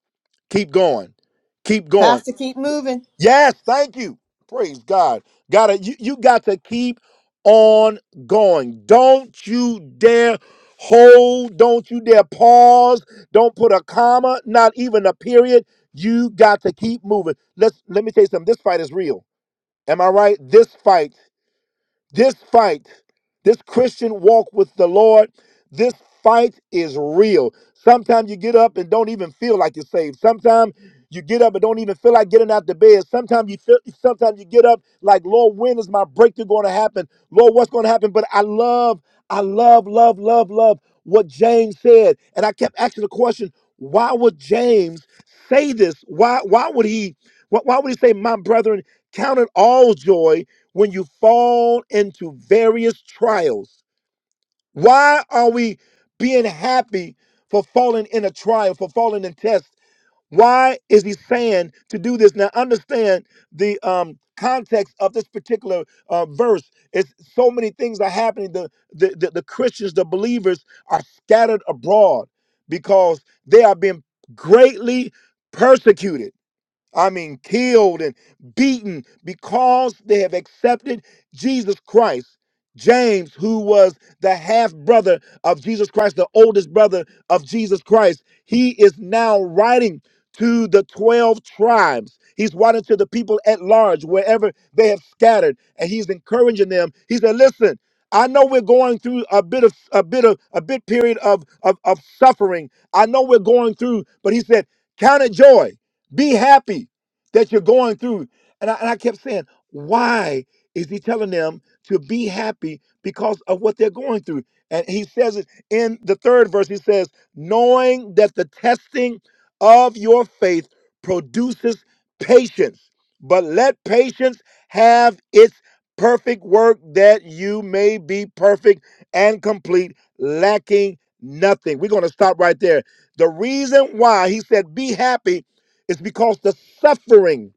Keep going. Keep going. Pastor, keep moving. Yes, thank you. Praise God. Gotta you, you got to keep on going. Don't you dare hold. Don't you dare pause. Don't put a comma, not even a period. You got to keep moving. Let's let me tell you something. This fight is real. Am I right? This fight this fight, this Christian walk with the Lord, this fight is real. Sometimes you get up and don't even feel like you're saved. Sometimes you get up and don't even feel like getting out the bed. Sometimes you feel sometimes you get up like, Lord, when is my breakthrough going to happen? Lord, what's going to happen? But I love, I love, love, love, love what James said. And I kept asking the question, why would James say this? Why why would he why, why would he say, My brethren, count it all joy when you fall into various trials. Why are we being happy for falling in a trial, for falling in test? Why is he saying to do this? Now, understand the um, context of this particular uh, verse. It's so many things are happening. The, the, the, the Christians, the believers, are scattered abroad because they are being greatly persecuted I mean, killed and beaten because they have accepted Jesus Christ. James, who was the half brother of Jesus Christ, the oldest brother of Jesus Christ, he is now writing to the 12 tribes. He's writing to the people at large, wherever they have scattered, and he's encouraging them. He said, Listen, I know we're going through a bit of a bit of a bit period of, of, of suffering. I know we're going through, but he said, Count it joy be happy that you're going through. And I, and I kept saying, why is he telling them to be happy because of what they're going through? And he says it in the third verse. He says, knowing that the testing of your faith produces patience, but let patience have its perfect work that you may be perfect and complete, lacking nothing. We're going to stop right there. The reason why he said, be happy it's because the suffering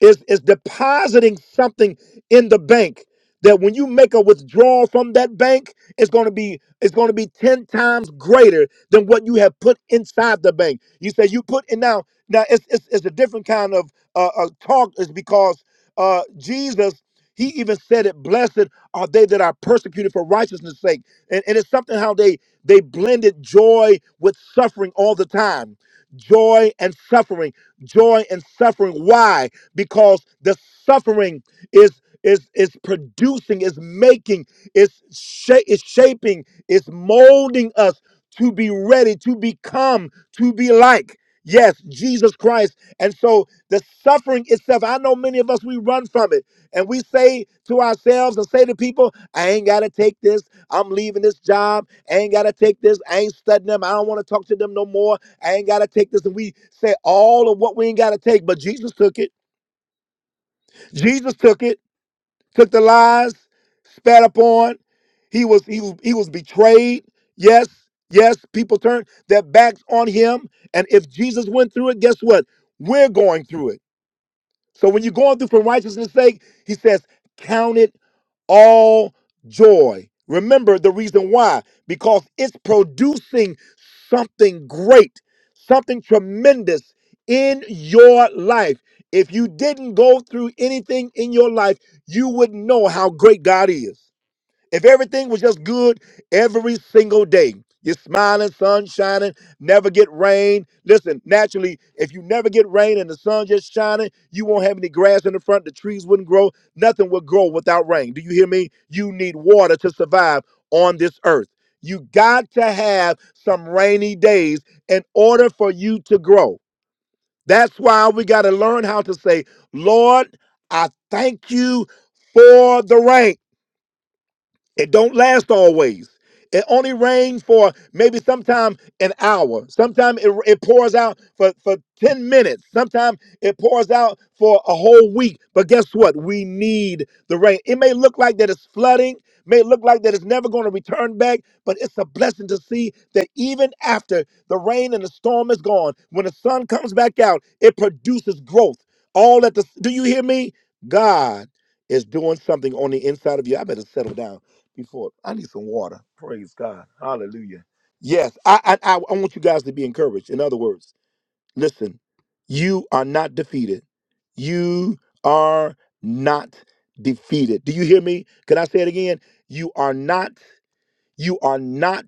is, is depositing something in the bank that when you make a withdrawal from that bank, it's going to be it's going to be 10 times greater than what you have put inside the bank. You say you put in now now it's, it's, it's a different kind of uh, uh, talk is because uh, Jesus, he even said it, blessed are they that are persecuted for righteousness' sake. And, and it's something how they they blended joy with suffering all the time. Joy and suffering, joy and suffering. Why? Because the suffering is is is producing, is making, is sha- is shaping, is molding us to be ready, to become, to be like. Yes, Jesus Christ. And so the suffering itself, I know many of us, we run from it. And we say to ourselves and say to people, I ain't got to take this. I'm leaving this job. I ain't got to take this. I ain't studying them. I don't want to talk to them no more. I ain't got to take this. And we say all of what we ain't got to take. But Jesus took it. Jesus took it took the lies, spat upon. He was he was he was betrayed. Yes, yes, people turned their backs on him. And if Jesus went through it, guess what? We're going through it. So when you're going through for righteousness' sake, he says, count it all joy. Remember the reason why, because it's producing something great, something tremendous in your life. If you didn't go through anything in your life, you wouldn't know how great God is. If everything was just good every single day, you're smiling, sun shining, never get rain. Listen, naturally, if you never get rain and the sun just shining, you won't have any grass in the front, the trees wouldn't grow, nothing will grow without rain. Do you hear me? You need water to survive on this earth. You got to have some rainy days in order for you to grow. That's why we got to learn how to say, Lord, I thank you for the rain. It don't last always. It only rains for maybe sometime an hour. Sometimes it, it pours out for, for 10 minutes. Sometimes it pours out for a whole week. But guess what? We need the rain. It may look like that it's flooding, may look like that it's never going to return back, but it's a blessing to see that even after the rain and the storm is gone, when the sun comes back out, it produces growth. All at the do you hear me? God is doing something on the inside of you. I better settle down before. I need some water. Praise God. Hallelujah. Yes, I, I I I want you guys to be encouraged. In other words, listen, you are not defeated. You are not defeated. Do you hear me? Can I say it again? You are not you are not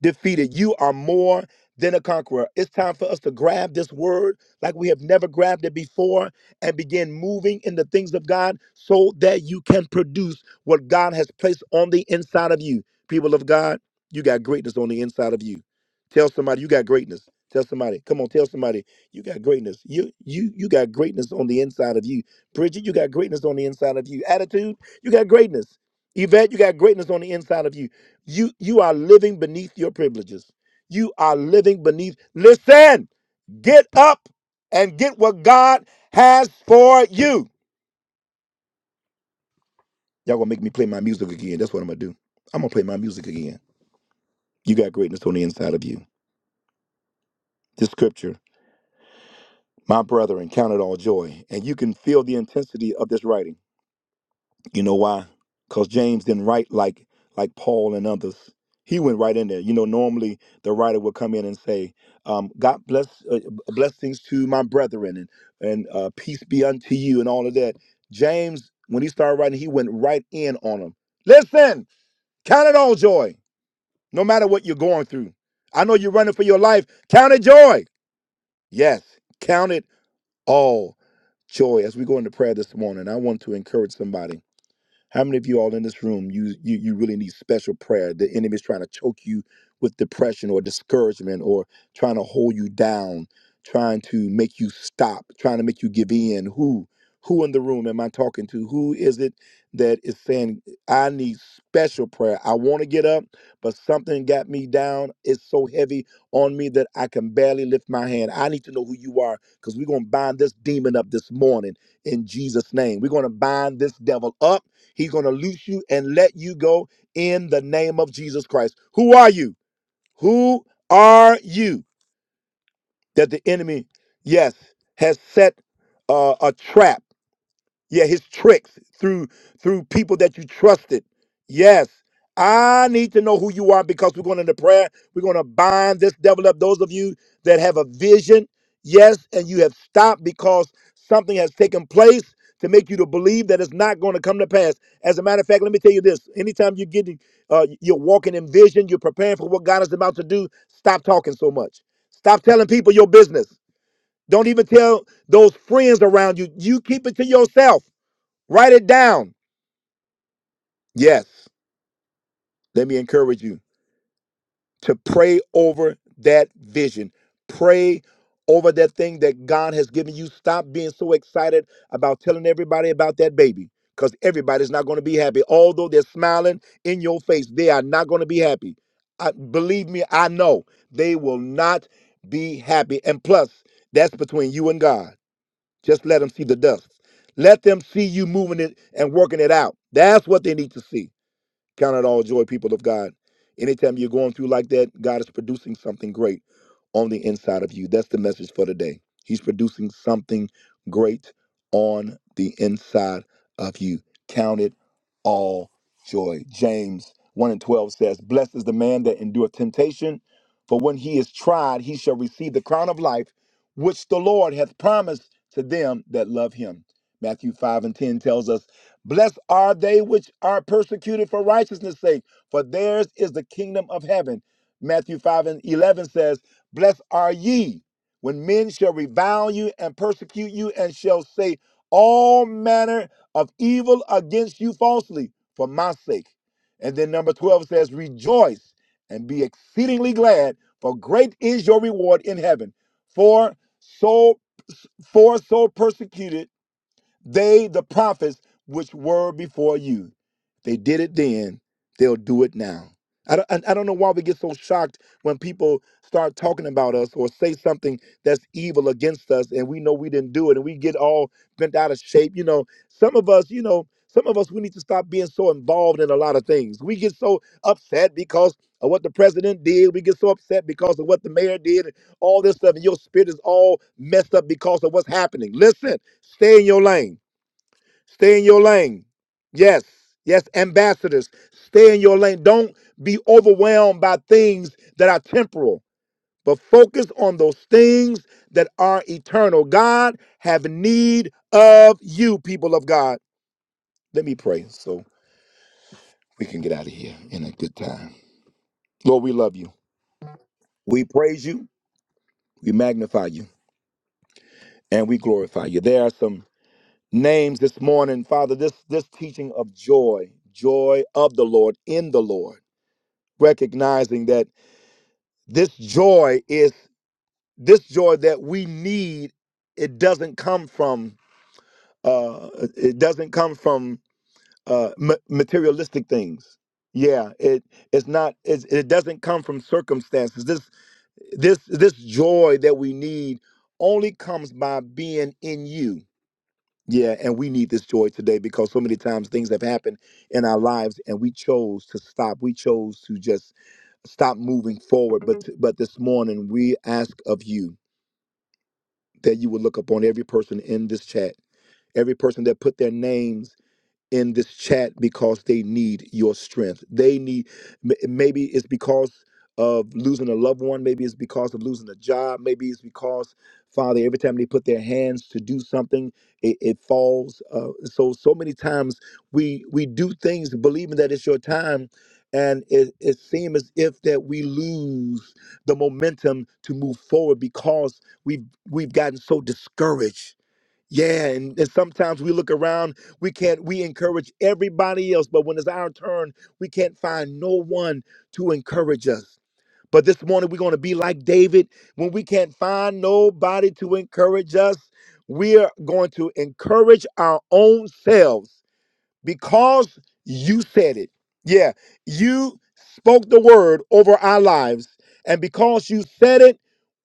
defeated. You are more than a conqueror. It's time for us to grab this word like we have never grabbed it before and begin moving in the things of God so that you can produce what God has placed on the inside of you. People of God, you got greatness on the inside of you. Tell somebody you got greatness. Tell somebody, come on, tell somebody you got greatness. You you you got greatness on the inside of you. Bridget, you got greatness on the inside of you. Attitude, you got greatness. Yvette, you got greatness on the inside of you. You you are living beneath your privileges. You are living beneath. Listen, get up and get what God has for you. Y'all gonna make me play my music again. That's what I'm gonna do. I'm gonna play my music again. You got greatness on the inside of you. This scripture, my brethren, count it all joy, and you can feel the intensity of this writing. You know why? Because James didn't write like like Paul and others. He went right in there. You know, normally the writer would come in and say, um, "God bless uh, blessings to my brethren and and uh, peace be unto you," and all of that. James, when he started writing, he went right in on them. Listen, count it all joy, no matter what you're going through. I know you're running for your life. Count it joy. Yes, count it all joy. As we go into prayer this morning, I want to encourage somebody how many of you all in this room you you you really need special prayer? The enemy's trying to choke you with depression or discouragement or trying to hold you down, trying to make you stop, trying to make you give in. Who who in the room am I talking to? Who is it that is saying I need special prayer? I want to get up, but something got me down. It's so heavy on me that I can barely lift my hand. I need to know who you are because we're going to bind this demon up this morning in Jesus' name. We're going to bind this devil up He's going to loose you and let you go in the name of Jesus Christ. Who are you? Who are you that the enemy, yes, has set uh, a trap? Yeah, his tricks through through people that you trusted. Yes. I need to know who you are because we're going into prayer. We're going to bind this devil up. Those of you that have a vision, yes, and you have stopped because something has taken place to make you to believe that it's not going to come to pass. As a matter of fact, let me tell you this: anytime you're getting, uh, you're walking in vision, you're preparing for what God is about to do. Stop talking so much. Stop telling people your business. Don't even tell those friends around you. You keep it to yourself. Write it down. Yes, let me encourage you to pray over that vision. Pray over that thing that God has given you. Stop being so excited about telling everybody about that baby because everybody's not going to be happy. Although they're smiling in your face, they are not going to be happy. I, believe me, I know they will not be happy. And plus, that's between you and God. Just let them see the dust. Let them see you moving it and working it out. That's what they need to see. Count it all joy, people of God. Anytime you're going through like that, God is producing something great on the inside of you. That's the message for today. He's producing something great on the inside of you. Count it all joy. James 1 and 12 says, Blessed is the man that endureth temptation, for when he is tried, he shall receive the crown of life, which the Lord hath promised to them that love him. Matthew 5 and 10 tells us Blessed are they which are persecuted for righteousness' sake, for theirs is the kingdom of heaven. Matthew 5 and 11 says, Blessed are ye when men shall revile you and persecute you and shall say all manner of evil against you falsely for my sake. And then number 12 says, Rejoice and be exceedingly glad, for great is your reward in heaven. For so for so persecuted they, the prophets, which were before you, they did it then, they'll do it now. I don't, I I don't know why we get so shocked when people start talking about us or say something that's evil against us and we know we didn't do it and we get all bent out of shape. You know, some of us, you know, some of us, we need to stop being so involved in a lot of things. We get so upset because of what the president did. We get so upset because of what the mayor did and all this stuff. And your spirit is all messed up because of what's happening. Listen, stay in your lane. Stay in your lane. Yes. Yes, ambassadors, stay in your lane. Don't be overwhelmed by things that are temporal, but focus on those things that are eternal. God have need of you, people of God. Let me pray so we can get out of here in a good time. Lord, we love you. We praise you. We magnify you and we glorify you. There are some names this morning, Father, this this teaching of joy, joy of the Lord in the Lord. recognizing that this joy is this joy that we need it doesn't come from uh it doesn't come from uh ma- materialistic things yeah it it's not it's, it doesn't come from circumstances this this this joy that we need only comes by being in you Yeah, and we need this joy today because so many times things have happened in our lives and we chose to stop. We chose to just stop moving forward. But Mhm. but this morning we ask of you that you will look upon every person in this chat, every person that put their names in this chat because they need your strength. They need, m- maybe it's because of losing a loved one, maybe it's because of losing a job, maybe it's because, Father, every time they put their hands to do something, it, it falls. Uh, so, so many times we we do things believing that it's your time, and it, it seems as if that we lose the momentum to move forward because we've we've gotten so discouraged yeah, and, and sometimes we look around, we can't, we encourage everybody else, but when it's our turn, we can't find no one to encourage us. But this morning, we're going to be like David. When we can't find nobody to encourage us, we are going to encourage our own selves because you said it. Yeah, you spoke the word over our lives. And because you said it,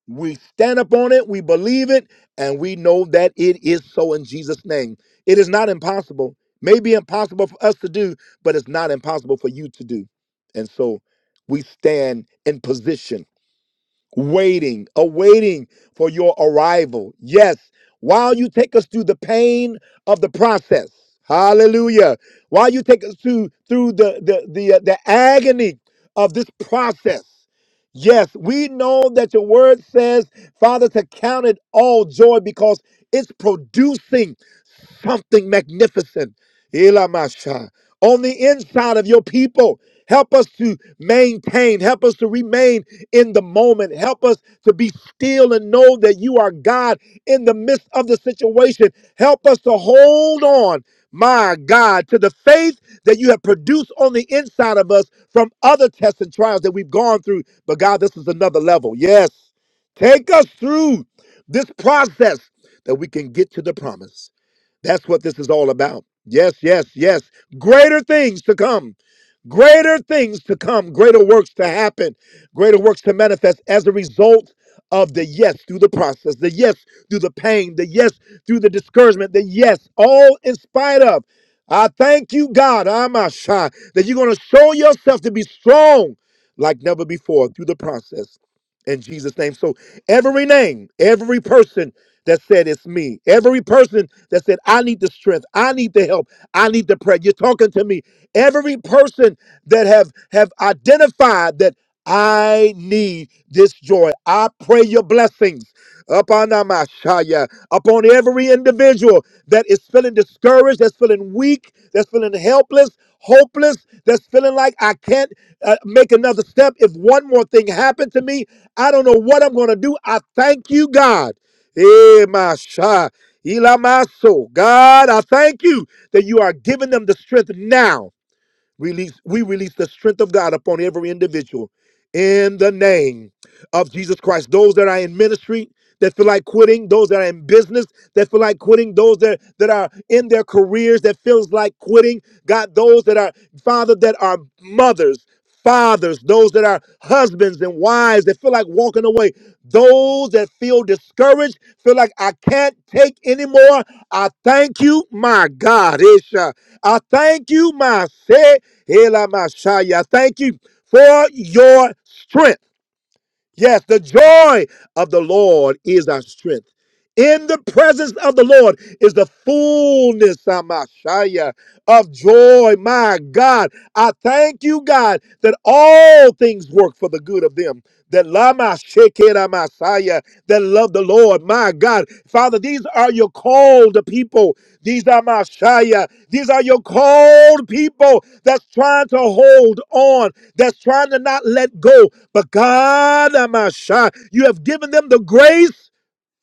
we stand up on it, we believe it, and we know that it is so in Jesus' name. It is not impossible. May be impossible for us to do, but it's not impossible for you to do. And so we stand in position waiting, awaiting for your arrival. Yes, while you take us through the pain of the process. Hallelujah. While you take us through through the the the, uh, the agony of this process. Yes, we know that your word says, Father, to count it all joy because it's producing something magnificent. Elamasha. On the inside of your people, help us to maintain, help us to remain in the moment, help us to be still and know that you are God in the midst of the situation. Help us to hold on, my God, to the faith that you have produced on the inside of us from other tests and trials that we've gone through. But God, this is another level. Yes, take us through this process that we can get to the promise. That's what this is all about. Yes, yes, yes. Greater things to come. Greater things to come. Greater works to happen. Greater works to manifest as a result of the yes through the process, the yes through the pain, the yes through the discouragement, the yes, all in spite of. I thank you, God, Amasha, that you're going to show yourself to be strong like never before through the process in Jesus' name. So every name, every person that said it's me, every person that said I need the strength, I need the help, I need the prayer. You're talking to me. Every person that have have identified that I need this joy. I pray your blessings upon Amashaya, upon every individual that is feeling discouraged, that's feeling weak, that's feeling helpless hopeless, that's feeling like I can't uh, make another step. If one more thing happened to me, I don't know what I'm going to do. I thank you, God. Eh, my sha- ila my soul. God, I thank you that you are giving them the strength now. Release, we release the strength of God upon every individual in the name of Jesus Christ. Those that are in ministry that feel like quitting, those that are in business that feel like quitting, those that, that are in their careers that feels like quitting. God, those that are, Father, that are mothers, fathers, those that are husbands and wives that feel like walking away, those that feel discouraged, feel like I can't take anymore. I thank you, my God. Isha. I thank you, my say, Ela Mashaya. I Thank you for your strength. Yes, the joy of the Lord is our strength. In the presence of the Lord is the fullness Amashaya, of joy. My God, I thank you, God, that all things work for the good of them. That Lama Shekera Messiah, that love the Lord. My God, Father, these are your called people. These are Messiah. These are your called people that's trying to hold on, that's trying to not let go. But God, Amashai, you have given them the grace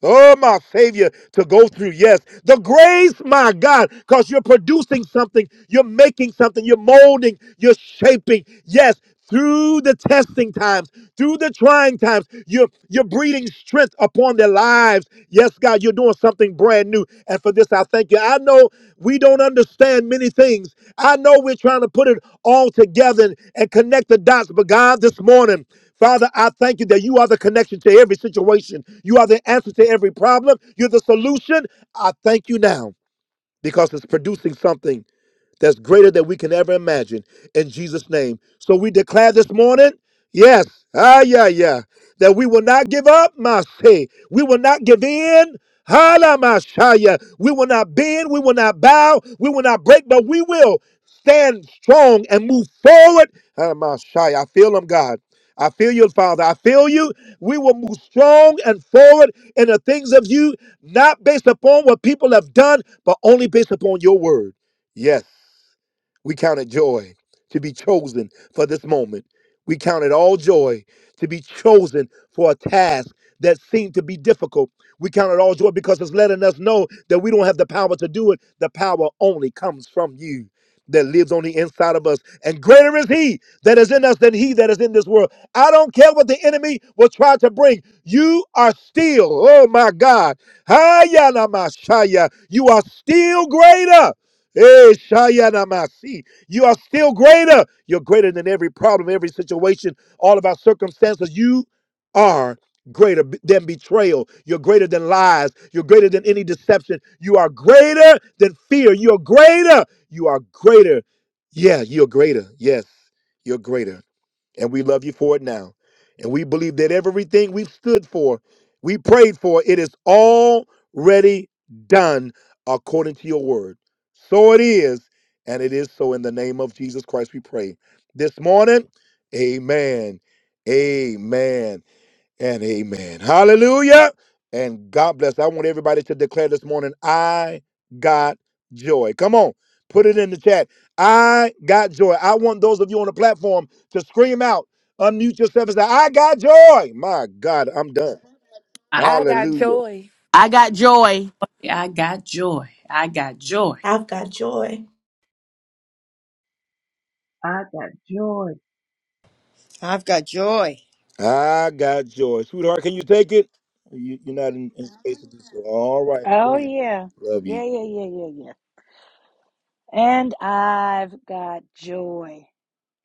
Oh, my Savior, to go through. Yes. The grace, my God, because you're producing something, you're making something, you're molding, you're shaping. Yes. Through the testing times, through the trying times, you're, you're breeding strength upon their lives. Yes, God, you're doing something brand new. And for this, I thank you. I know we don't understand many things. I know we're trying to put it all together and, and connect the dots. But God, this morning, Father, I thank you that you are the connection to every situation. You are the answer to every problem. You're the solution. I thank you now because it's producing something that's greater than we can ever imagine in Jesus' name. So we declare this morning, yes, ah, yeah, yeah, that we will not give up, my say. We will not give in. Hala, my shaya. We will not bend, we will not bow, we will not break, but we will stand strong and move forward. Hala, my shaya. I feel them, God. I feel you, Father. I feel you. We will move strong and forward in the things of you, not based upon what people have done, but only based upon your word. Yes. We count it joy to be chosen for this moment. We count it all joy to be chosen for a task that seemed to be difficult. We count it all joy because it's letting us know that we don't have the power to do it. The power only comes from you that lives on the inside of us. And greater is he that is in us than he that is in this world. I don't care what the enemy will try to bring. You are still, oh my God, Hayana Mashaya. you are still greater. Eh, shayanamasi. You are still greater. You're greater than every problem, every situation, all of our circumstances. You are greater b- than betrayal. You're greater than lies. You're greater than any deception. You are greater than fear. You're greater. You are greater. Yeah, you're greater. Yes, you're greater. And we love you for it now. And we believe that everything we've stood for, we prayed for, it is already done according to your word. So it is, and it is so in the name of Jesus Christ we pray. This morning, amen. Amen and amen. Hallelujah. And God bless. I want everybody to declare this morning, I got joy. Come on, put it in the chat. I got joy. I want those of you on the platform to scream out, unmute yourself and say, I got joy. My God, I'm done. I, I got Hallelujah. joy I got joy. I got joy. I got joy. I've got joy. I got joy. I've got joy. I got joy. Sweetheart, can you take it? You, you're not in, in space to do so. All right. Go Oh, ahead. yeah. Love Yeah, you. yeah, yeah, yeah, yeah. And I've got joy.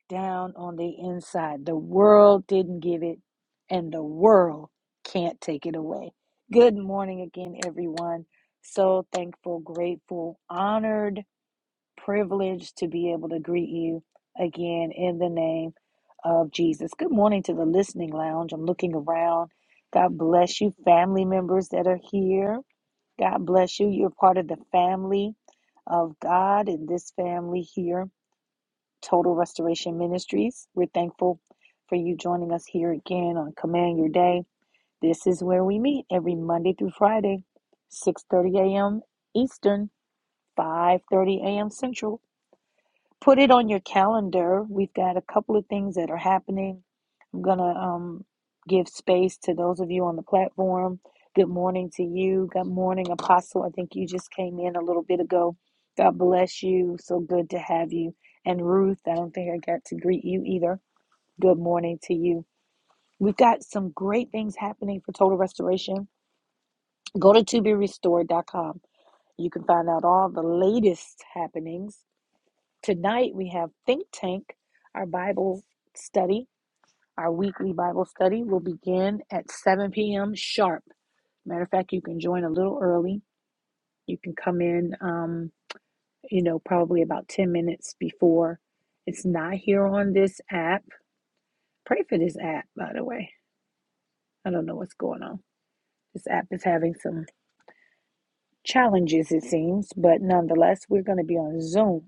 down on the inside. The world didn't give it, and the world can't take it away. Good morning again, everyone. So thankful, grateful, honored, privileged to be able to greet you again in the name of Jesus. Good morning to the listening lounge. I'm looking around. God bless you, family members that are here. God bless you. You're part of the family of God in this family here Total Restoration Ministries. We're thankful for you joining us here again on Command Your Day. This is where we meet every Monday through Friday, 6:30 a.m. Eastern, 5:30 a.m. Central. Put it on your calendar. We've got a couple of things that are happening. I'm going to um, give space to those of you on the platform. Good morning to you. Good morning, Apostle. I think you just came in a little bit ago. God bless you. So good to have you. And Ruth, I don't think I got to greet you either. Good morning to you. We've got some great things happening for total restoration. Go to to be restored. dot Com. You can find out all the latest happenings Tonight we have Think Tank, our Bible study, our weekly Bible study will begin at 7 p.m. sharp. Matter of fact, you can join a little early. You can come in, um, you know, probably about 10 minutes before. It's not here on this app. Pray for this app, by the way. I don't know what's going on. This app is having some challenges, it seems, but nonetheless, we're going to be on Zoom.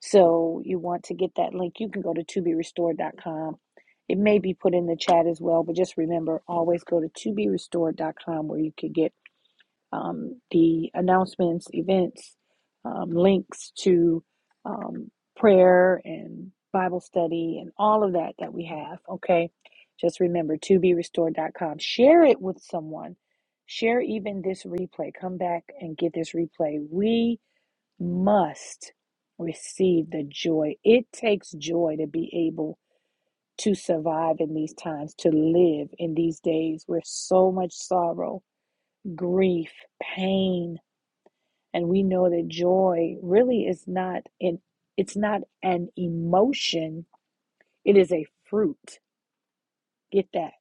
So you want to get that link. You can go to to be restored. dot com. It may be put in the chat as well, but just remember always go to to be restored. dot com where you can get um, the announcements, events, um, links to um, prayer and Bible study and all of that that we have. Okay. Just remember to be restored. dot com. Share it with someone. Share even this replay. Come back and get this replay. We must receive the joy. It takes joy to be able to survive in these times, to live in these days where so much sorrow, grief, pain, and we know that joy really is not an it's not an emotion, it is a fruit. Get that.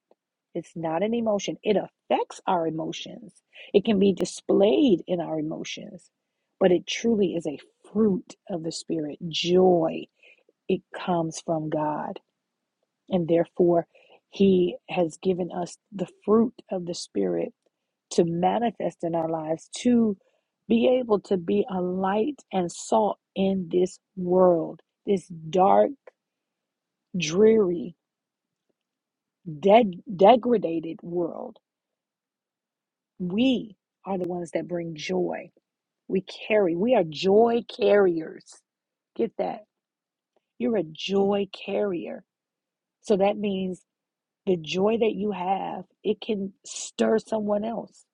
It's not an emotion. It affects our emotions. It can be displayed in our emotions, but it truly is a fruit of the Spirit joy. it comes from God. And therefore, He has given us the fruit of the Spirit to manifest in our lives, to be able to be a light and salt in this world, this dark, dreary, dead, degraded world. We are the ones that bring joy. We carry, we are joy carriers. Get that? You're a joy carrier. So that means The joy that you have, it can stir someone else.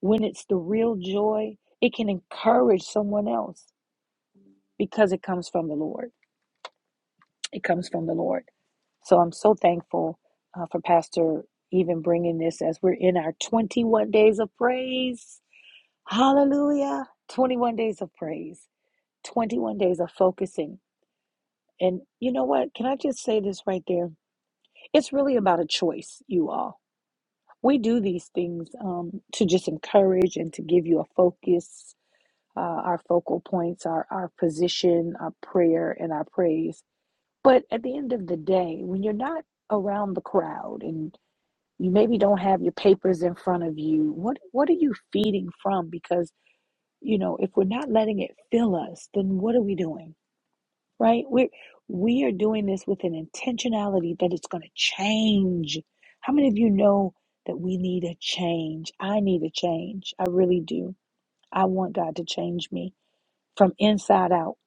When it's the real joy, it can encourage someone else because it comes from the Lord. It comes from the Lord. So I'm so thankful uh, for Pastor even bringing this as we're in our 21 days of praise. Hallelujah. 21 days of praise, 21 days of focusing. And you know what? Can I just say this right there? It's really about a choice, you all we do these things um, to just encourage and to give you a focus, uh, our focal points, our, our position, our prayer, and our praise. But at the end of the day, when you're not around the crowd and you maybe don't have your papers in front of you, what what are you feeding from? Because you know, if we're not letting it fill us, then what are we doing? right? We're we are doing this with an intentionality that it's going to change. How many of you know that we need a change? I need a change. I really do. I want God to change me from inside out.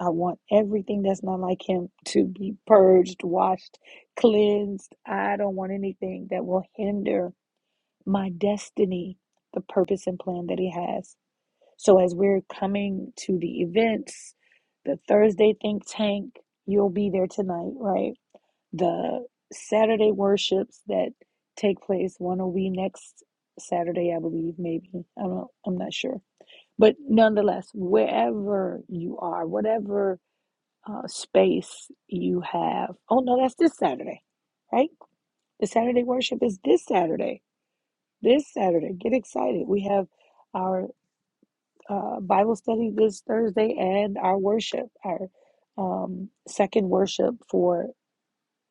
I want everything that's not like Him to be purged, washed, cleansed. I don't want anything that will hinder my destiny, the purpose and plan that He has. So as we're coming to the events, the Thursday think tank, you'll be there tonight, right? The Saturday worships that take place, one will be next Saturday, I believe, maybe. I don't I'm not sure. But nonetheless, wherever you are, whatever uh, space you have. Oh no, that's this Saturday, right? The Saturday worship is this Saturday. This Saturday. Get excited. We have our uh, Bible study this Thursday and our worship, our um, second worship for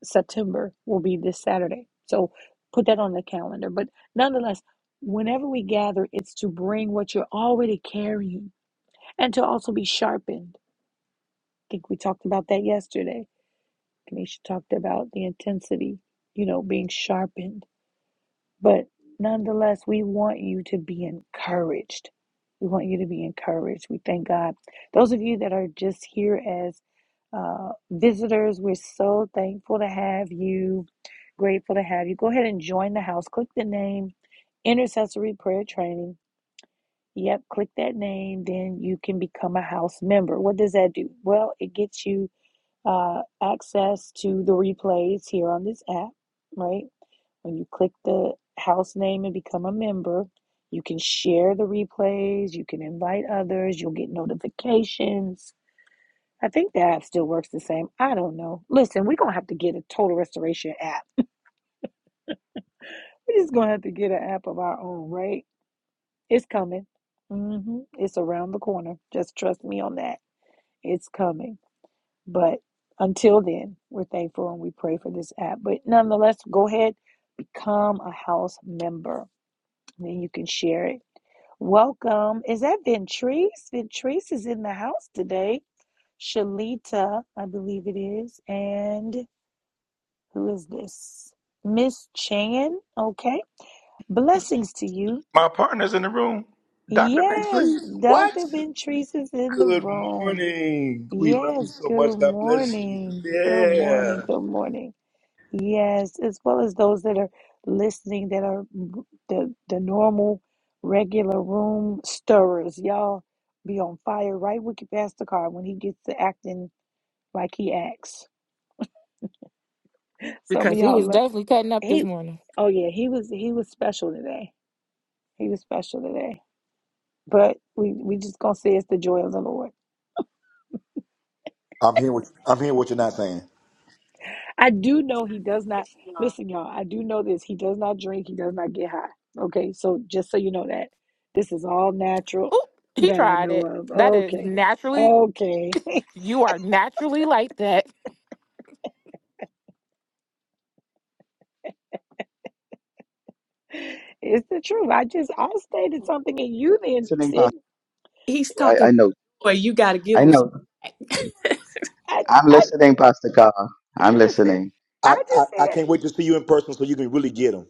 September will be this Saturday. So put that on the calendar. But nonetheless, whenever we gather, it's to bring what you're already carrying and to also be sharpened. I think we talked about that yesterday. Kanisha talked about the intensity, you know, being sharpened But nonetheless, we want you to be encouraged. We want you to be encouraged. We thank God. Those of you that are just here as uh, visitors, we're so thankful to have you, grateful to have you. Go ahead and join the house. Click the name Intercessory Prayer Training. Yep, click that name, then you can become a house member. What does that do? Well, it gets you uh, access to the replays here on this app, right? When you click the house name and become a member, you can share the replays, you can invite others, you'll get notifications. I think the app still works the same. I don't know. Listen, we're going to have to get a total restoration app. We're just going to have to get an app of our own, right? It's coming. hmm It's around the corner. Just trust me on that. It's coming. But until then, we're thankful and we pray for this app. But nonetheless, go ahead, become a house member. Then you can share it. Welcome. Is that Ventrice? Ventrice is in the house today. Shalita, I believe it is. And who is this? Miss Chan. Okay. Blessings to you. Yes, Dr. Ventrice is in the Good room. morning. We love you Yes, so good much. God bless you. morning. Good Yeah. morning. Good morning. Yes, as well as those that are listening that are r- the the normal regular room stirrers. Y'all be on fire right with your pastor car when he gets to acting like he acts. Some of because he y'all was look definitely cutting up this he morning. oh yeah, he was he was special today. He was special today. But we we just gonna say it's the joy of the Lord. I'm hearing what I'm hearing what you're not saying. I do know he does not listen, y'all. I do know this. He does not drink. He does not get high. Okay, so just so you know that this is all natural Oop, he that I tried know it. of. That is Okay, naturally, okay, you are naturally like that. it's the truth. I just I stated something, and you then listening, said, Pastor. He's I, talking I know. about joy. You got to give I him some. know. "I I'm I listening, Pastor Carl. I'm listen." listening. I, I I just said I I can't wait to see you in person so you can really get them.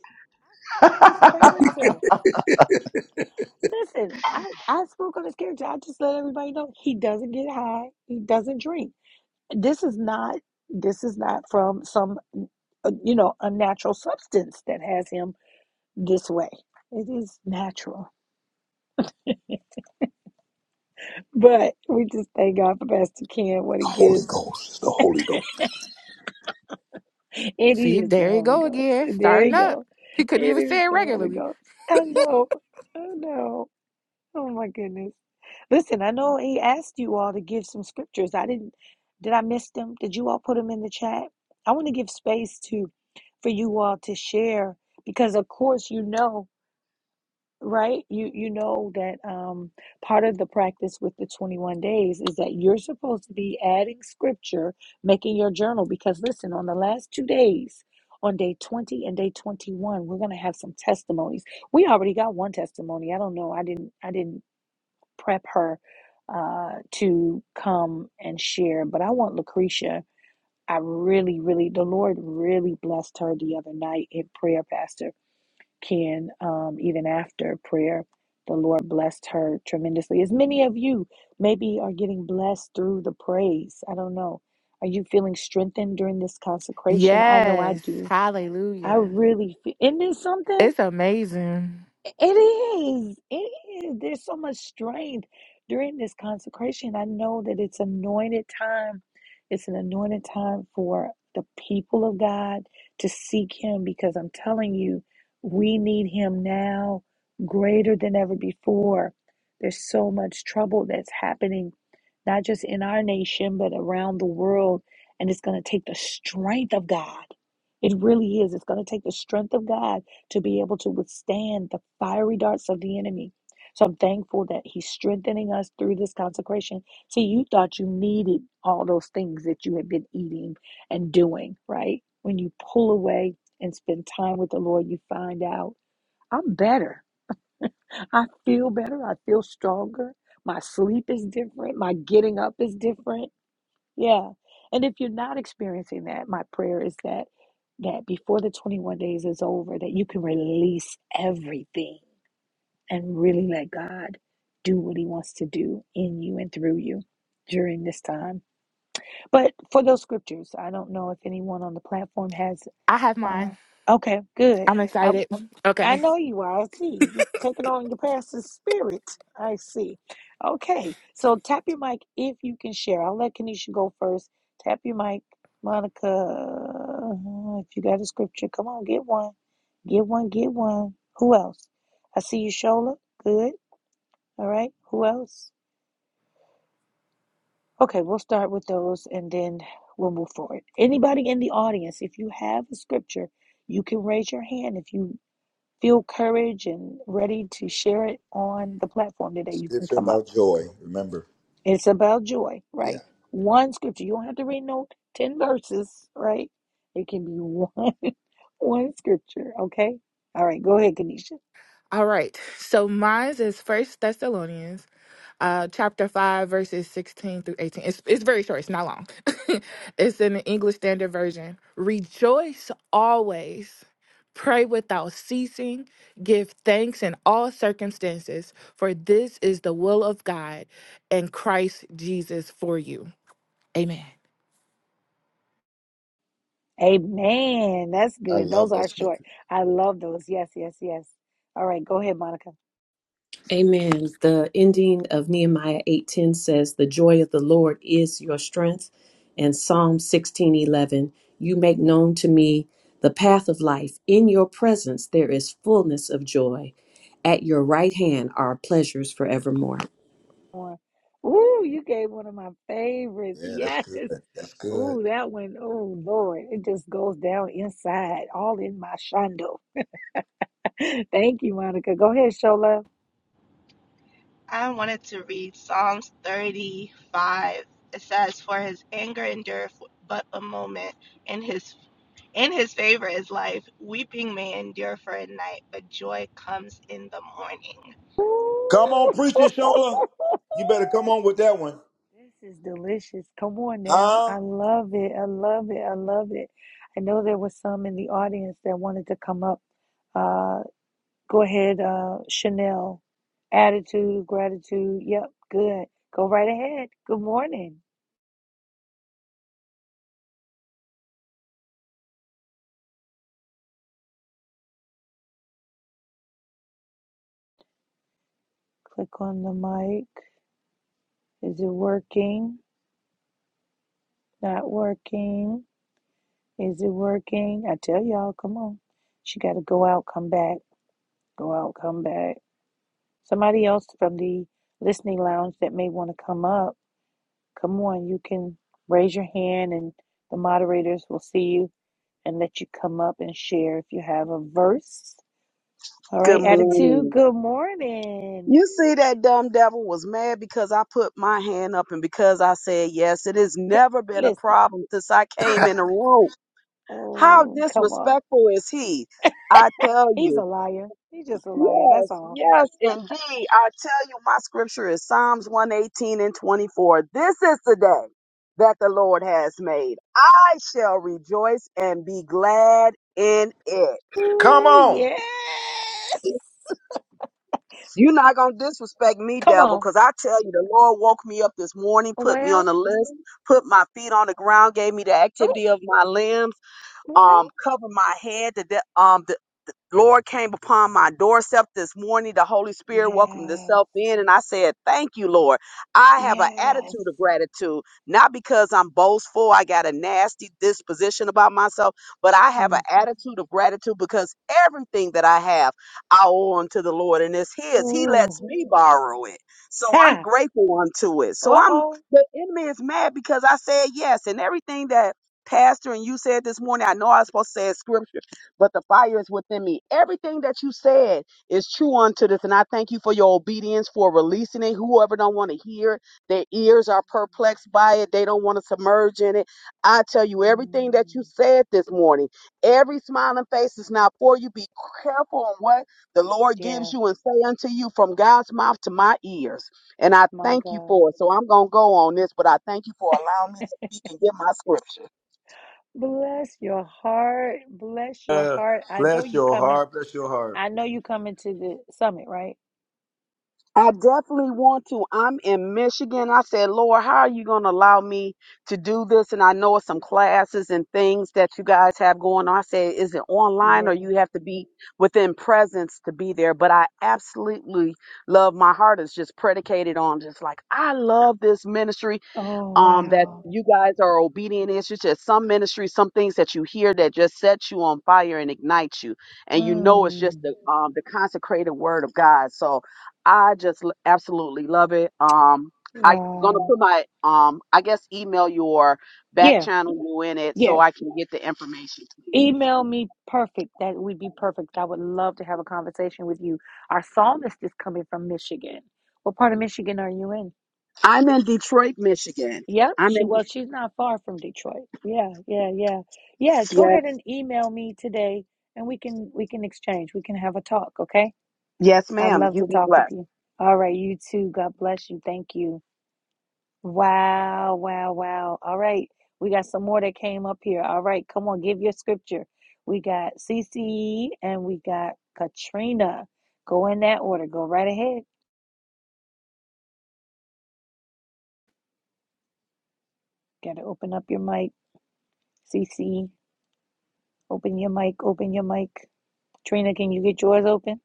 I spoke on his character. Listen, I I spoke on his character. I just let everybody know he doesn't get high. He doesn't drink. This is not this is not from some uh, you know unnatural substance that has him this way. It is natural. But we just thank God for Pastor Ken what he gives. Oh, it's the Holy Ghost. It See, is the there you Holy go Ghost. again, There you starting up. go. He couldn't It even is say it the Holy regularly. Ghost. I know. I know. Oh my goodness. Listen, I know he asked you all to give some scriptures. I didn't, did I miss them? Did you all put them in the chat? I want to give space to for you all to share because of course you know, right? You you know that um part of the practice with the 21 days is that you're supposed to be adding scripture, making your journal because listen, on the last 2 days, on day 20 and day 21, we're going to have some testimonies. We already got one testimony. I don't know. I didn't I didn't prep her uh, to come and share. But I want Lucretia. I really, really, the Lord really blessed her the other night in prayer, Pastor Ken. Um, even after prayer, the Lord blessed her tremendously. As many of you maybe are getting blessed through the praise. I don't know. Are you feeling strengthened during this consecration? I know I Yes, do. I hallelujah. really feel. Isn't this something? It's amazing. It is. It is. There's so much strength during this consecration. I know that it's anointed time. It's an anointed time for the people of God to seek Him because I'm telling you, we need Him now greater than ever before. There's so much trouble that's happening, not just in our nation, but around the world. And it's going to take the strength of God. It really is. It's going to take the strength of God to be able to withstand the fiery darts of the enemy. So I'm thankful that he's strengthening us through this consecration. See, you thought you needed all those things that you had been eating and doing, right? When you pull away and spend time with the Lord, you find out I'm better. I feel better. I feel stronger. My sleep is different. My getting up is different yeah. And if you're not experiencing that, my prayer is that that before the 21 days is over that you can release everything and really let God do what he wants to do in you and through you during this time. But for those scriptures, I don't know if anyone on the platform has I have uh mine. okay, good. I'm I excited. I Okay. know you are. I see. You taking on your pastor's spirit. I see. Okay. So tap your mic if you can share. I'll let Kanisha go first. Tap your mic. Monica, Uh, if you got a scripture, come on, get one. Get one, get one. Who else? I see you, Shola. Good. All right. Who else? Okay, we'll start with those and then we'll move forward. Anybody in the audience, if you have a scripture, you can raise your hand if you feel courage and ready to share it on the platform today, you can Scripture come up. about joy. Remember? It's about joy, Yeah, right? One scripture. You don't have to read no 10 verses, right? It can be one one scripture, okay? All right, go ahead, Kanisha. All right. So mine's is First Thessalonians, uh, chapter five, verses sixteen through eighteen. It's it's very short. It's not long. it's in the English Standard Version. Rejoice always. Pray without ceasing. Give thanks in all circumstances, for this is the will of God and Christ Jesus for you. Amen. Amen. That's I good. Those love that are short. scripture. I love those. Yes, yes, yes. All right, go ahead, Monica. Amen. The ending of Nehemiah 8:10 says, "The joy of the Lord is your strength." And Psalm 16:11, "You make known to me the path of life. In your presence there is fullness of joy. At your right hand are pleasures forevermore." One. Ooh, you gave one of my favorites. Yeah, that's Yes. good. That's good. Ooh, that one. Oh, Lord. It just goes down inside, all in my shondo. Thank you, Monica. Go ahead, Shola. I wanted to read Psalms 35. It says, "For his anger endureth but a moment, and his in his favor is life. Weeping may endure for a night, but joy comes in the morning." Come on, Ooh. preaching Shola. You better come on with that one, This is delicious. Come on now. I huh? love it. I love it. I love it. I know there was some in the audience that wanted to come up. Uh, Go ahead, uh, Chanel. Attitude, gratitude. Yep, good. Go right ahead. Good morning. Click on the mic. Is it working? Not working. Is it working? I tell y'all, come on. She got to go out, come back. Go out, come back. Somebody else from the listening lounge that may want to come up, come on. You can raise your hand and the moderators will see you and let you come up and share if you have a verse All right, Good attitude. morning. Good morning. You see, that dumb devil was mad because I put my hand up and because I said yes. It has G- never been a Listen, problem since I came in the room. How oh, come on. disrespectful is he? I tell He's you. a liar. He's just a liar. That's Yes, all. yes, indeed. I tell you, my scripture is Psalms 118 and 24. This is the day that the Lord has made. I shall rejoice and be glad in it. Ooh, yes. You're not gonna disrespect me, Come devil, on. because I tell you, the Lord woke me up this morning, put me on Well, the list, put my feet on the ground, gave me the oh, activity of my limbs, um, well. covered my head, the de- um, the Lord came upon my doorstep this morning. The Holy Spirit welcomed Yes. itself in, and I said, Thank you, Lord. I have an attitude Yes. of gratitude, not because I'm boastful, I got a nasty disposition about myself, but I have an Jeez. attitude of gratitude because everything that I have, I owe unto the Lord, and it's His. He lets Ooh. me borrow it. So I'm Ha. grateful unto it. So I'm, Uh the enemy is mad because I said yes, and everything that Pastor and you said this morning, I know I was supposed to say a scripture but the fire is within me. Everything that you said is true unto this, and I thank you for your obedience for releasing it. Whoever don't want to hear it, their ears are perplexed by it. They don't want to submerge in it. I tell you, everything that oh. you said this morning, every smiling face is not for you. Be careful on what the Lord gives Yeah, you and say unto you from God's mouth to my ears. And I my thank you for God. it. So I'm going to go on this, but I thank you for allowing me to speak and get my scripture. Bless your heart. Bless your Uh, heart. I know bless you your coming. heart. Bless your heart. I know you coming to the summit, right? I definitely want to. I'm in Michigan. I said, Lord, how are you going to allow me to do this? And I know it's some classes and things that you guys have going on. I said, is it online or Yeah. you have to be within presence to be there? But I absolutely love my heart is just predicated on just like, I love this ministry Oh, um, that wow. you guys are obedient. is. It's just some ministries, some things that you hear that just sets you on fire and ignites you, and you know it's just Mm, the um, the consecrated word of God. So I just l- absolutely love it. Um, I'm gonna wow. put my um, I guess email your back Yeah, channel you in it so yes. I can get the information. Email me perfect. That would be perfect. I would love to have a conversation with you. Our psalmist is coming from Michigan. What part of Michigan are you in? I'm in Detroit, Michigan. Yep, I'm she in. was. She's not far from Detroit. Yeah, yeah, yeah. Yeah, go Yes, ahead and email me today and we can we can exchange. We can have a talk, okay? yes, I'd ma'am. love You to be talk with blessed. you. All right, you too. God bless you. Thank you. Wow, wow, wow. All right. We got some more that came up here. All right, come on, give your scripture. We got CC and we got Katrina. Go in that order. Go right ahead. Got to open up your mic. CC, open your mic, open your mic. Trina, can you get yours open?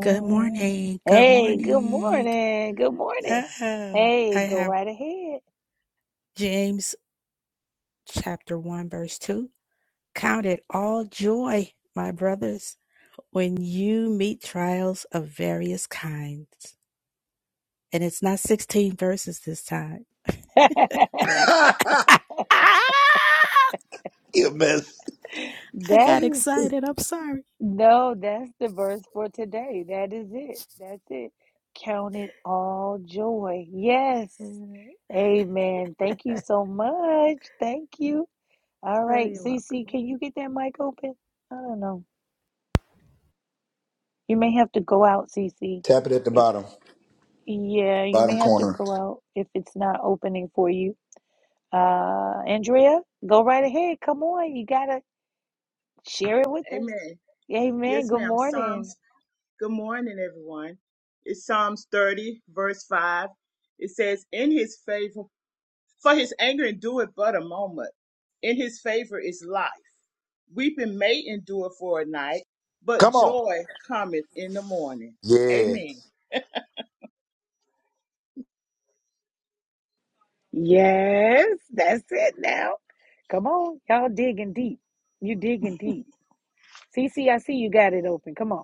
Good morning. Good hey, good morning. morning. Good morning. Oh, Hey, I go have right ahead. James chapter 1, verse 2. Count it all joy, my brothers, when you meet trials of various kinds. And it's not 16 verses this time. Ah, ah, You mess. I that got is excited. I'm sorry. no, that's the verse for today. That is it. That's it. Count it all joy. Yes. Yeah. Amen. Thank you so much. Thank you. All Oh, right, you're Cece, welcome. can you get that mic open? I don't know. You may have to go out, Cece. Tap it at the If bottom, Yeah, you bottom may have to corner. go out if it's not opening for you. Uh, Andrea, go right ahead. Come on, you gotta share it with us. Amen. Amen. Yes, Good ma'am. morning. Psalms, good morning, everyone. It's Psalms 30, verse 5. It says, In his favor, for his anger endureth but a moment. In his favor is life. Weeping may endure for a night, but Come on. joy cometh in the morning. Yeah. Amen. Yes, that's it now. Come on, y'all digging deep. You digging deep. CC, I see you got it open. Come on.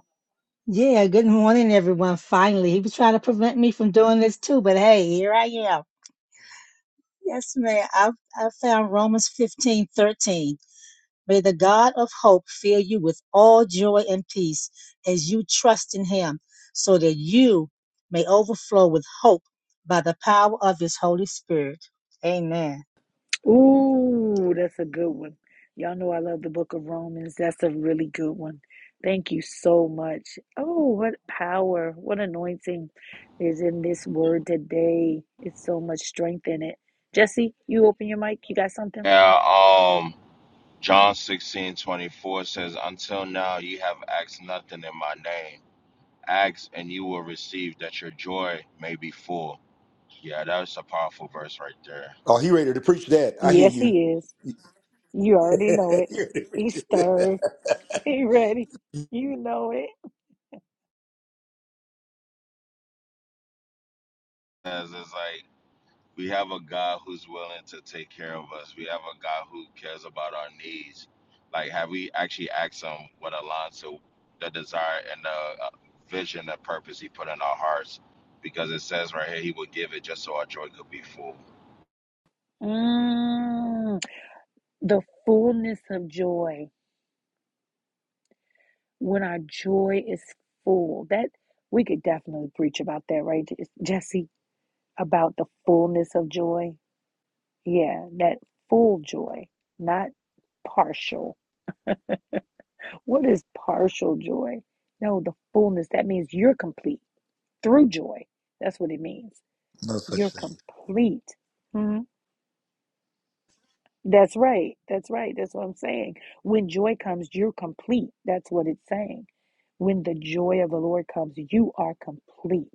Yeah, good morning, everyone. Finally, he was trying to prevent me from doing this too, but hey, here I am. Yes, ma'am. I, I found Romans fifteen thirteen. May the God of hope fill you with all joy and peace as you trust in him, so that you may overflow with hope by the power of his Holy Spirit. Amen. Ooh, that's a good one. Y'all know I love the book of Romans. That's a really good one. Thank you so much. Oh, what power, what anointing is in this word today. It's so much strength in it. Jesse, you open your mic. You got something? Yeah, um, John sixteen twenty four says, Until now you have asked nothing in my name. Ask and you will receive that your joy may be full. Yeah, that's a powerful verse right there. Oh, he ready to preach that. I hear Yes, you. he is. You already know it. He ready to preach He's it. stirred. He ready. You know it. Because it's like. We have a God who's willing to take care of us. We have a God who cares about our needs. Like, have we actually asked Him what aligns to the desire and the uh, vision and purpose He put in our hearts? Because it says right here, He will give it just so our joy could be full. Mm, the fullness of joy. when our joy is full. That we could definitely preach about that, right, Jesse? About the fullness of joy. Yeah, that full joy, not partial. What is partial joy? No, the fullness. That means you're complete through joy. That's what it means. no You're such thing. complete. Mm-hmm. That's right. That's right. That's what I'm saying. When joy comes, you're complete. That's what it's saying. When the joy of the Lord comes, you are complete.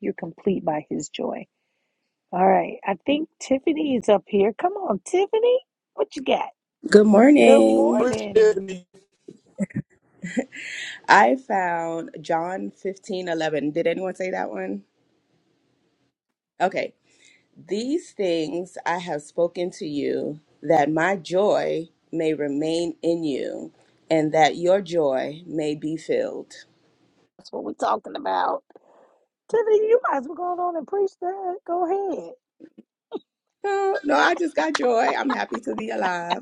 You're complete by his joy. All right. I think Tiffany is up here. Come on, Tiffany. What you got? Good Good morning. Preach morning. it, I found John fifteen eleven. Did anyone say that one? Okay. These things I have spoken to you, that my joy may remain in you, and that your joy may be filled. That's what we're talking about. Tiffany, you might as well go on and preach that. Go ahead. Oh, no, I just got joy. I'm happy to be alive.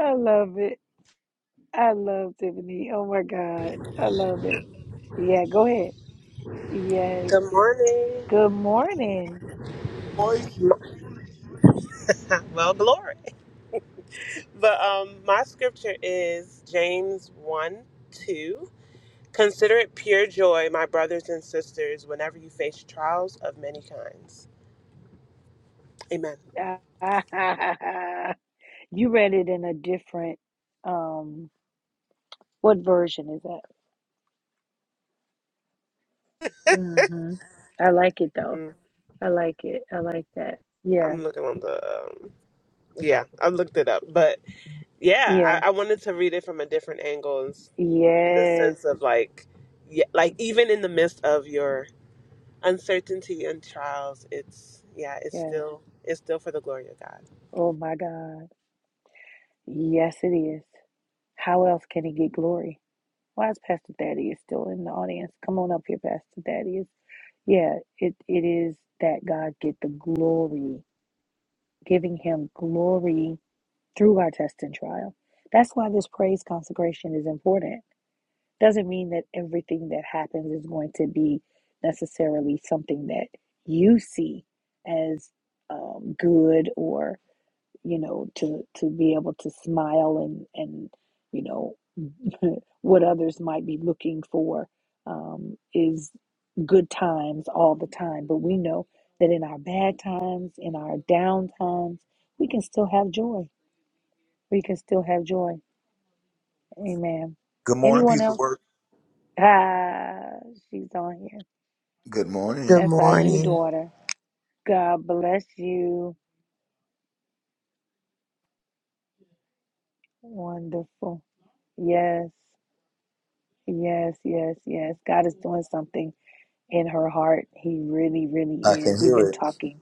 I love it. I love Tiffany. Oh my God. I love it. Yeah, go ahead. Yes. Good morning. Good morning. boy. Well, glory. But um, my scripture is James 1 2. Consider it pure joy, my brothers and sisters, whenever you face trials of many kinds. Amen. you read it in a different um what version is that? hmm I like it though. Mm, I like it. I like that. Yeah. I'm looking on the. Um, yeah, I looked it up. But yeah, Yeah. I, I wanted to read it from a different angle in s- in the Yes. sense of like, yeah, like even in the midst of your uncertainty and trials, it's, yeah, it's Yes. still, it's still for the glory of God. Oh my God. Yes it is. How else can it get glory? Why is Pastor Thaddeus still in the audience? Come on up here, Pastor Thaddeus. Yeah, it, it is that God get the glory, giving him glory through our test and trial. That's why this praise consecration is important. Doesn't mean that everything that happens is going to be necessarily something that you see as um, good or you know to to be able to smile and and you know what others might be looking for um, is good times all the time. But we know that in our bad times, in our down times, we can still have joy we can still have joy. Amen. Anyone else? Ah, she's on here. Good That's our new morning. daughter. God bless you. Wonderful. Yes, yes, yes, yes. God is doing something in her heart. He really, really is. We've been talking.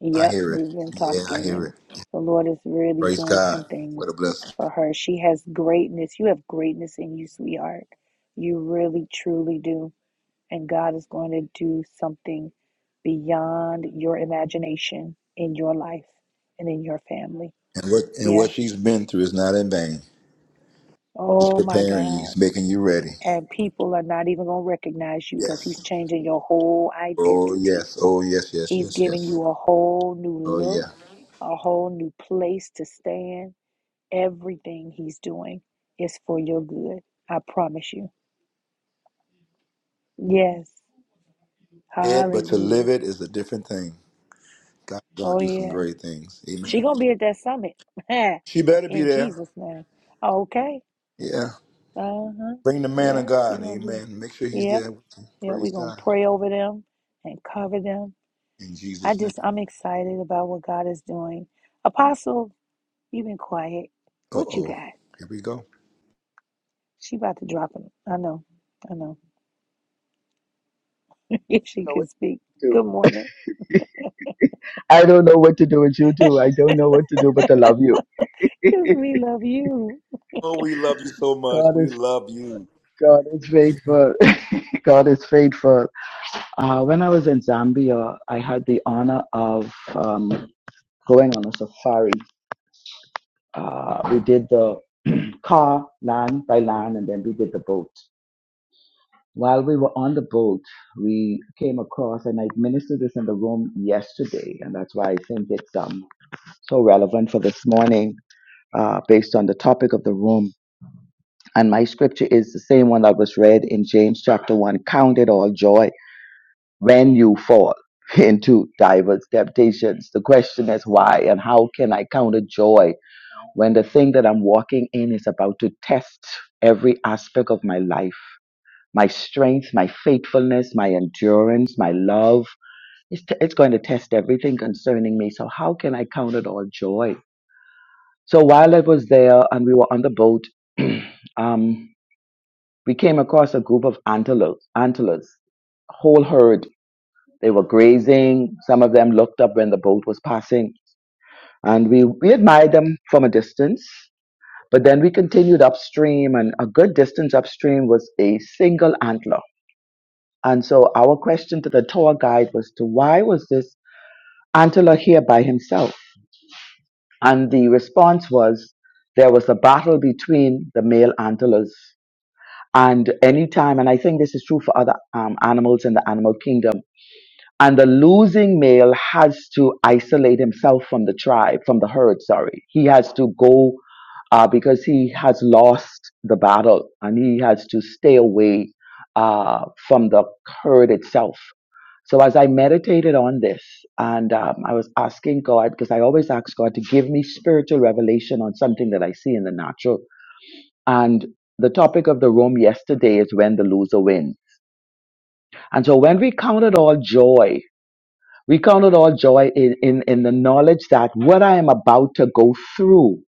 Yep, we've been talking, and the Lord is really doing some things for her. She has greatness. You have greatness in you, sweetheart. You really, truly do. and God is going to do something beyond your imagination in your life and in your family. Yeah. Oh my God. And people are not even going to recognize you because He's changing your whole identity. He's giving you a whole new look, a whole new place to stand. Everything He's doing is for your good. I promise you. Yes. Hallelujah. Oh, yeah. She gonna be at that summit. In Jesus' name. Okay. Uh-huh. Yeah, she gonna be. Yeah, yeah, we gonna pray over them and cover them. I just I'm excited about what God is doing. Apostle, you been quiet. What you got? She about to drop him. I know. I know. if don't she know what could speak. to do. Good morning. I don't know what to do with you too. I don't know what to do but to love you. Cause we love you. God is God is faithful. God is faithful. Uh, when I was in Zambia, I had the honor of um, going on a safari. Uh, we did the car, land by land, and then we did the boat. While we were on the boat, we came across, and I ministered this in the room yesterday, and that's why I think it's um, so relevant for this morning uh, based on the topic of the room. And my scripture is the same one that was read in James chapter 1 Count it all joy when you fall into diverse temptations. The question is why and how can I count it joy when the thing that I'm walking in is about to test every aspect of my life? my strength, my faithfulness, my endurance, my love. It's, t- it's going to test everything concerning me. So, how can I count it all joy? So, while I was there and we were on the boat, um, we came across a group of antelopes, antelopes, whole herd. They were grazing. Some of them looked up when the boat was passing. And we, we admired them from a distance. But then we continued upstream, and a good distance upstream was a single antler And so our question to the tour guide was to why was this Antela here by himself? And the response was there was a battle between the male antelas. And anytime, and I think this is true for other um, animals in the animal kingdom, and the losing male has to isolate himself from the tribe, from the herd, sorry. He has to go uh, because he has lost the battle and he has to stay away uh, from the herd itself. So as I meditated on this, and um, I was asking God because I always ask God to give me spiritual revelation on something that I see in the natural. And the topic of the room yesterday is when the loser wins. And so when we counted all joy, we counted all joy in, in, in the knowledge that what I am about to go through,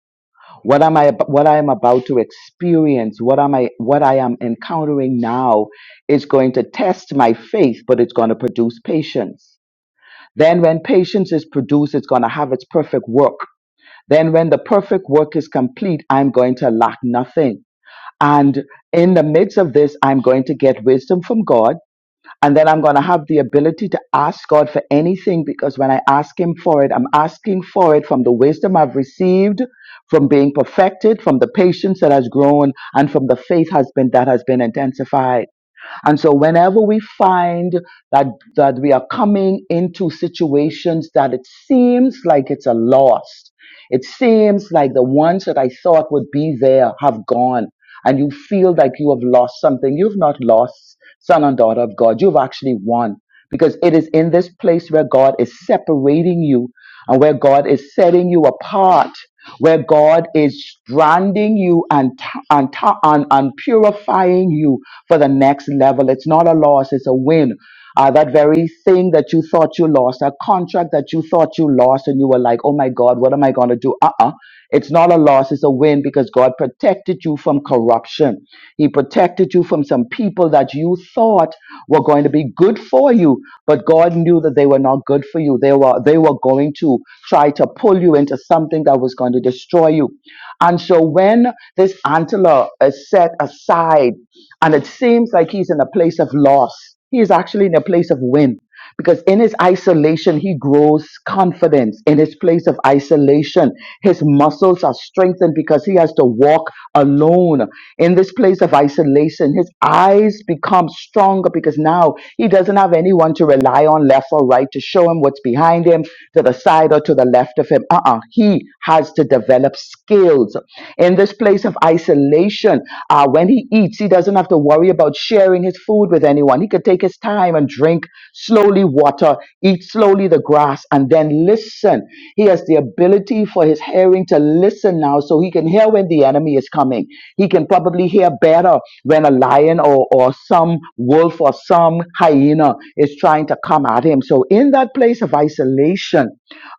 what am I ab- what I am about to experience, what am I what I am encountering now is going to test my faith, but it's going to produce patience. Then, when patience is produced, it's going to have its perfect work. Then, when the perfect work is complete, I'm going to lack nothing. And in the midst of this, I'm going to get wisdom from God. And then I'm going to have the ability to ask God for anything because when I ask Him for it, I'm asking for it from the wisdom I've received, from being perfected, from the patience that has grown, and from the faith has been, that has been intensified. And so whenever we find that, that we are coming into situations that it seems like it's a loss, it seems like the ones that I thought would be there have gone, and you feel like you have lost something. You've not lost, son and daughter of God. You've actually won because it is in this place where God is separating you and where God is setting you apart, where God is branding you and, and, and, and purifying you for the next level. It's not a loss, it's a win uh, that very thing that you thought you lost, that contract that you thought you lost, and you were like, oh my God, what am I going to do? Uh uh It's not a loss, it's a win because God protected you from corruption. He protected you from some people that you thought were going to be good for you, but God knew that they were not good for you. They were, they were going to try to pull you into something that was going to destroy you. And so when this antler is set aside and it seems like he's in a place of loss, he is actually in a place of win because in his isolation, he grows confidence. In his place of isolation, his muscles are strengthened because he has to walk alone. In this place of isolation, his eyes become stronger because now he doesn't have anyone to rely on left or right to show him what's behind him, to the side or to the left of him. Uh uh He has to develop skills. In this place of place of isolation. Uh, when he eats, he doesn't have to worry about sharing his food with anyone. He could take his time and drink slowly water, eat slowly the grass, and then listen. He has the ability for his hearing to listen now so he can hear when the enemy is coming. He can probably hear better when a lion or, or some wolf or some hyena is trying to come at him. So, in that place of isolation,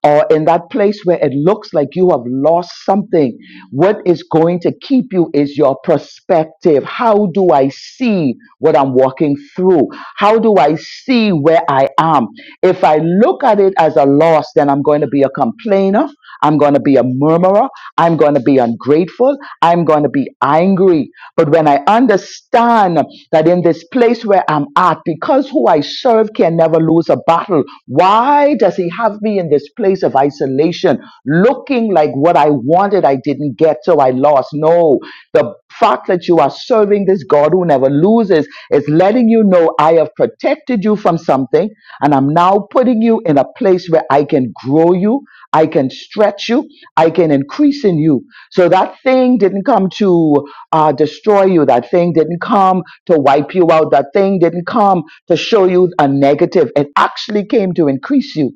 or in that place where it looks like you have lost something, what is going to keep you is your perspective. How do I see what I'm walking through? How do I see where I am? If I look at it as a loss, then I'm going to be a complainer. I'm going to be a murmurer. I'm going to be ungrateful. I'm going to be angry. But when I understand that in this place where I'm at, because who I serve can never lose a battle, why does he have me in this place of isolation, looking like what I wanted I didn't get, so I lost? No. The fact that you are serving this God who never loses is letting you know I have protected you from something, and I'm now putting you in a place where I can grow you I can stretch you. I can increase in you. So that thing didn't come to uh, destroy you. That thing didn't come to wipe you out. That thing didn't come to show you a negative. It actually came to increase you.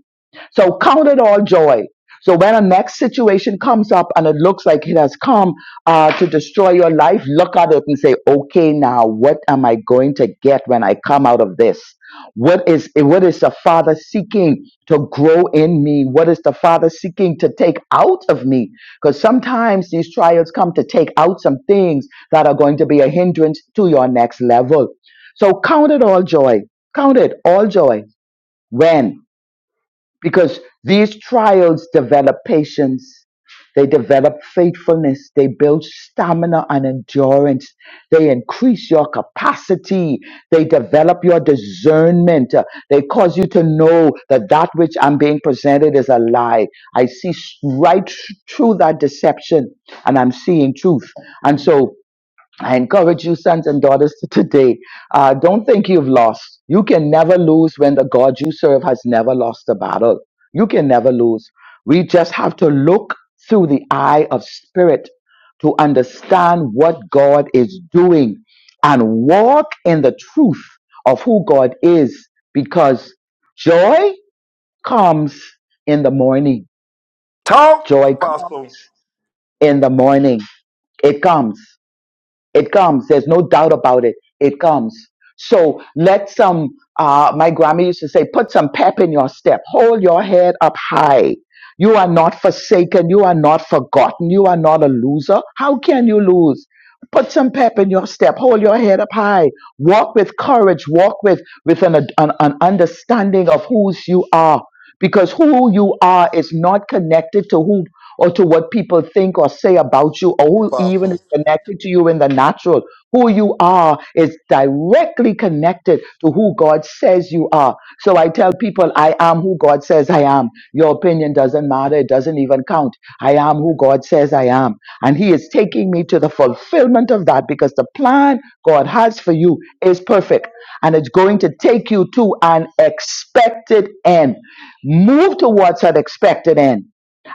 So count it all joy. So when a next situation comes up and it looks like it has come uh, to destroy your life, look at it and say, okay, now what am I going to get when I come out of this? What is what is the Father seeking to grow in me? What is the Father seeking to take out of me? Because sometimes these trials come to take out some things that are going to be a hindrance to your next level. So count it all joy. Count it all joy. When? because these trials develop patience they develop faithfulness they build stamina and endurance they increase your capacity they develop your discernment Uh, they cause you to know that that which i'm being presented is a lie i see s- right th- through that deception and i'm seeing truth and so I encourage you, sons and daughters, to today. Uh, don't think you've lost. You can never lose when the God you serve has never lost a battle. You can never lose. We just have to look through the eye of spirit to understand what God is doing and walk in the truth of who God is because joy comes in the morning. Talk, Joy comes Apostle in the morning. It comes. It comes. There's no doubt about it. It comes. So let some, uh, my grandma used to say, put some pep in your step. Hold your head up high. You are not forsaken. You are not forgotten. You are not a loser. How can you lose? Put some pep in your step. Hold your head up high. Walk with courage. Walk with, with an, an, an understanding of whose you are. Because who you are is not connected to who or to what people think or say about you or who even is connected to you in the natural. Who you are is directly connected to who God says you are. So I tell people, I am who God says I am. Your opinion doesn't matter. It doesn't even count. I am who God says I am. And He is taking me to the fulfillment of that because the plan God has for you is perfect and it's going to take you to an expected end. Move towards that expected end.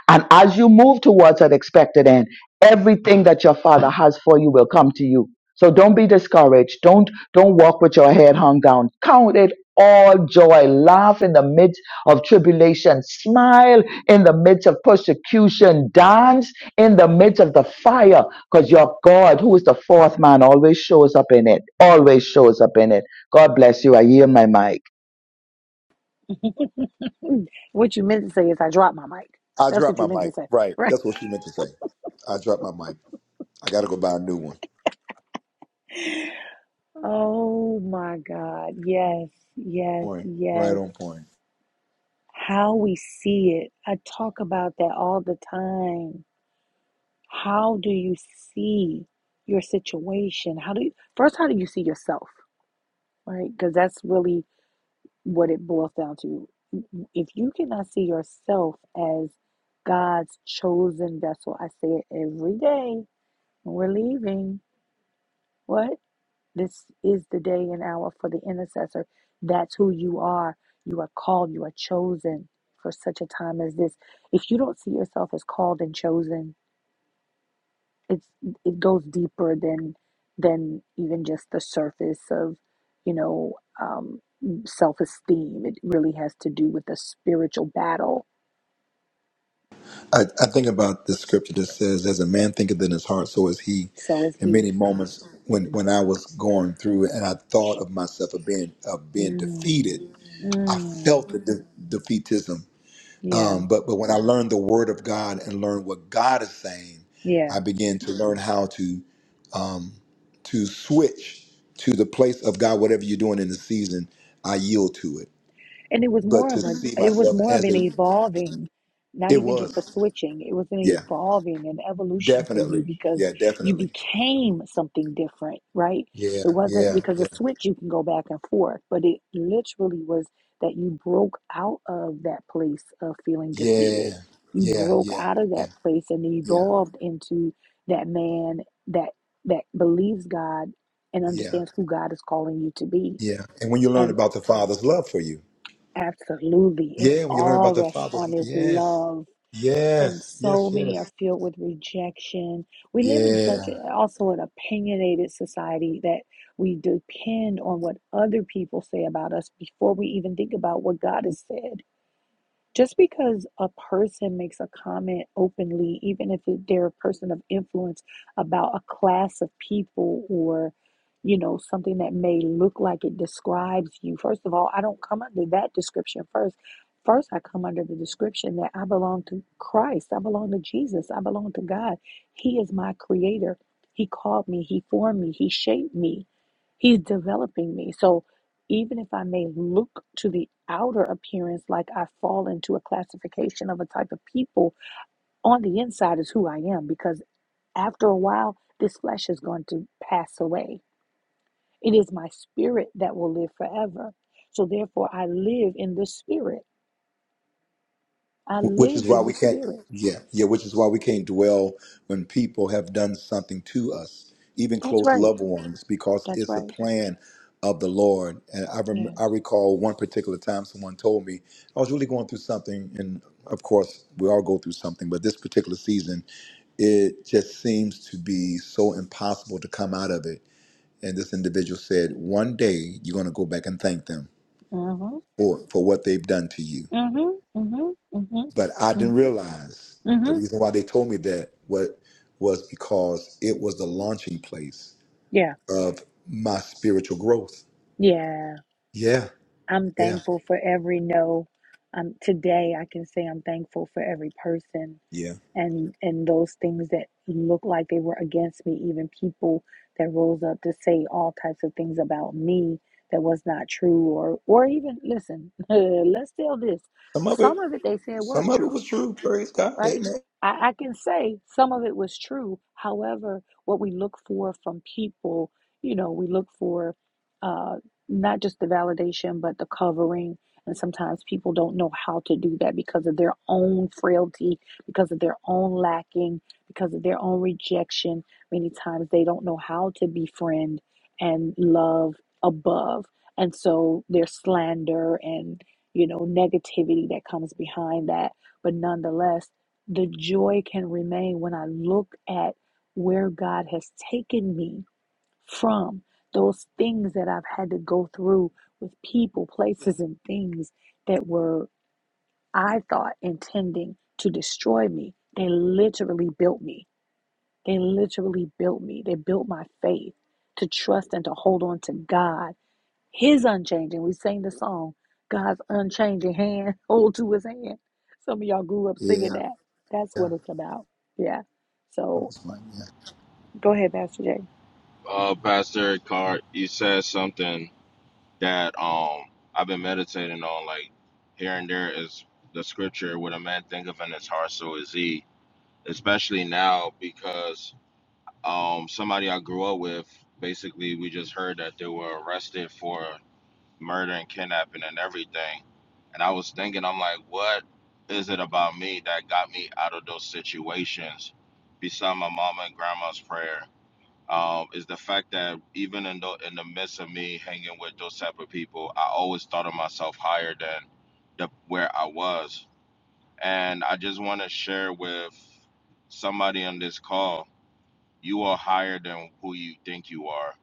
And as you move towards that expected end, everything that your father has for you will come to you. So don't be discouraged. Don't don't walk with your head hung down. Count it all joy. Laugh in the midst of tribulation. Smile in the midst of persecution. Dance in the midst of the fire. Because your God, who is the fourth man, always shows up in it. Always shows up in it. God bless you. I yield my mic. What you meant to say is I dropped my mic. That's what you meant to say, right? Oh my God. Yes, yes, yes. How we see it. I talk about that all the time. How do you see your situation? How do you first how do you see yourself? Right? Because that's really what it boils down to. If you cannot see yourself as God's chosen vessel, I say it every day when we're leaving. What? This is the day and hour for the intercessor. That's who you are. You are called, you are chosen for such a time as this. If you don't see yourself as called and chosen, it's it goes deeper than than even just the surface of you know um, self-esteem it really has to do with a spiritual battle so is he mm. Mm. yeah yeah and it was more of a it was more of an evolving not even just a switching it was an evolving an evolution for you because you became something different right it wasn't because a switch you can go back and forth but it literally was that you broke out of that place of feeling defeated you broke out of that place and evolved into that man that that believes god and understands who god is calling you to be and. Absolutely. It all rests on his love. And so many are filled with rejection. We live in such a, also an opinionated society that we depend on what other people say about us before we even think about what God has said. Just because a person makes a comment openly, even if they're a person of influence about a class of people or, you know, something that may look like it describes you, first of all, I don't come under that description first. First, I come under the description that I belong to Christ, I belong to Jesus, I belong to God. He is my creator. He called me, He formed me, He shaped me, He's developing me. So, even if I may look to the outer appearance like I fall into a classification of a type of people, on the inside is who I am because after a while, this flesh is going to pass away. It is my spirit that will live forever. So therefore, I live in the spirit. I live in the spirit. That's right. That's right. Yes. Mm-hmm. Mm-hmm. Mm-hmm. Mm-hmm. Mm-hmm. Mm-hmm. Yeah. Yeah. I'm thankful for every no. Um, today, I can say I'm thankful for every person and and those things that look like they were against me, even people that rose up to say all types of things about me that was not true, or or even listen, let's tell this. Some of it they said was true right? I, I can say some of it was true. However, what we look for from people, you know, we look for uh, not just the validation, but the covering. And sometimes people don't know how to do that because of their own frailty, because of their own lacking, because of their own rejection. Many times they don't know how to befriend and love above. And so there's slander and, you know, negativity that comes behind that but nonetheless the joy can remain when I look at where God has taken me from those things that I've had to go through with people, places, and things that were, I thought, intending to destroy me. They literally built me. They literally built me. They built my faith to trust and to hold on to God his unchanging. We sing the song, God's unchanging hand, hold to his hand. Some of y'all grew up singing that. That's what it's about. Yeah. So go ahead, Pastor Jay. Uh, Pastor Card, you said something that um I've been meditating on. Like, here and there is the scripture, "What a man think of in his heart, so is he." Especially now, because Um, somebody I grew up with, basically, we just heard that they were arrested for murder and kidnapping and everything. And I was thinking, I'm like, what is it about me that got me out of those situations? Beside my mama and grandma's prayer, um, is the fact that even in the in the midst of me hanging with those type of people, I always thought of myself higher than the where I was. And I just want to share with somebody on this call you are higher than who you think you are.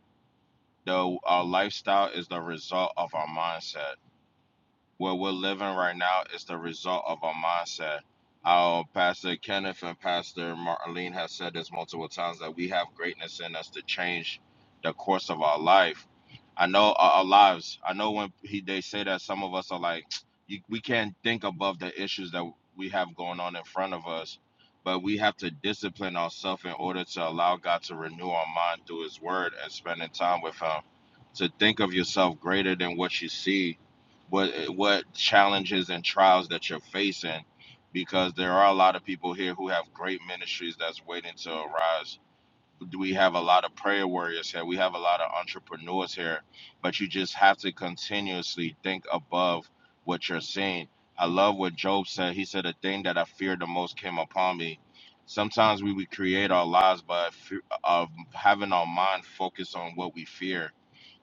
Though our lifestyle is the result of our mindset. What we're living right now is the result of our mindset. Our pastor Kenneth and Pastor Marlene have said this multiple times that we have greatness in us to change the course of our life. I know our, our lives. I know when he they say that some of us are like, you, we can't think above the issues that we have going on in front of us, but we have to discipline ourselves in order to allow God to renew our mind through His Word and spending time with Him. To think of yourself greater than what you see what what challenges and trials that you're facing because there are a lot of people here who have great ministries that's waiting to arise we have a lot of prayer warriors here we have a lot of entrepreneurs here but you just have to continuously think above what you're seeing i love what job said he said the thing that i feared the most came upon me sometimes we would create our lives by fe- of having our mind focused on what we fear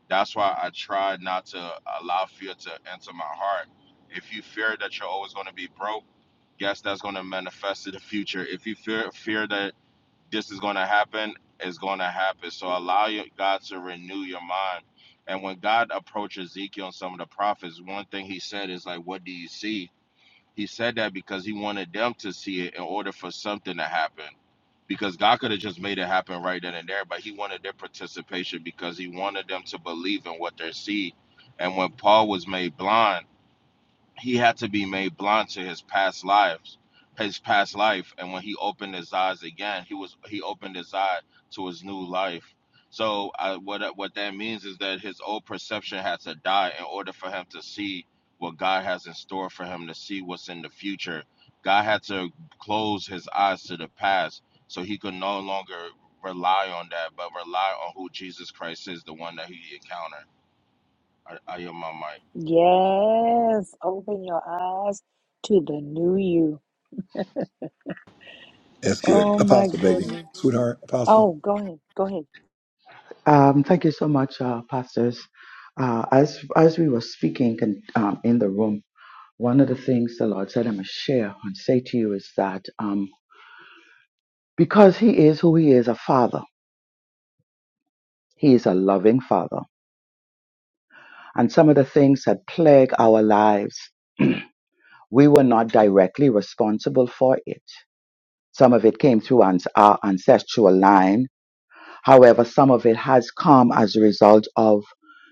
that's why I try not to allow fear to enter my heart. If you fear that you're always going to be broke, yes, that's going to manifest in the future. If you fear fear that this is going to happen, it's going to happen. So allow your, God to renew your mind. And when God approached Ezekiel and some of the prophets, one thing he said is like, "What do you see?" He said that because he wanted them to see it in order for something to happen. Because God could have just made it happen right then and there, but he wanted their participation because he wanted them to believe in what they see. And when Paul was made blind, he had to be made blind to his past lives his past life and when he opened his eyes again he was he opened his eye to his new life so I, what what that means is that his old perception had to die in order for him to see what God has in store for him to see what's in the future God had to close his eyes to the past so he could no longer rely on that but rely on who Jesus Christ is the one that he encountered I, I am my mic Yes. Open your eyes to the new you. Oh my goodness. Oh, go ahead. Go ahead. Um, thank you so much, uh, pastors. Uh, as as we were speaking and, um, in the room, one of the things the Lord said i must share and say to you is that um, because He is who He is, a Father, He is a loving Father, and some of the things that plague our lives, we were not directly responsible for it. Some of it came through ans- our ancestral line. However, some of it has come as a result of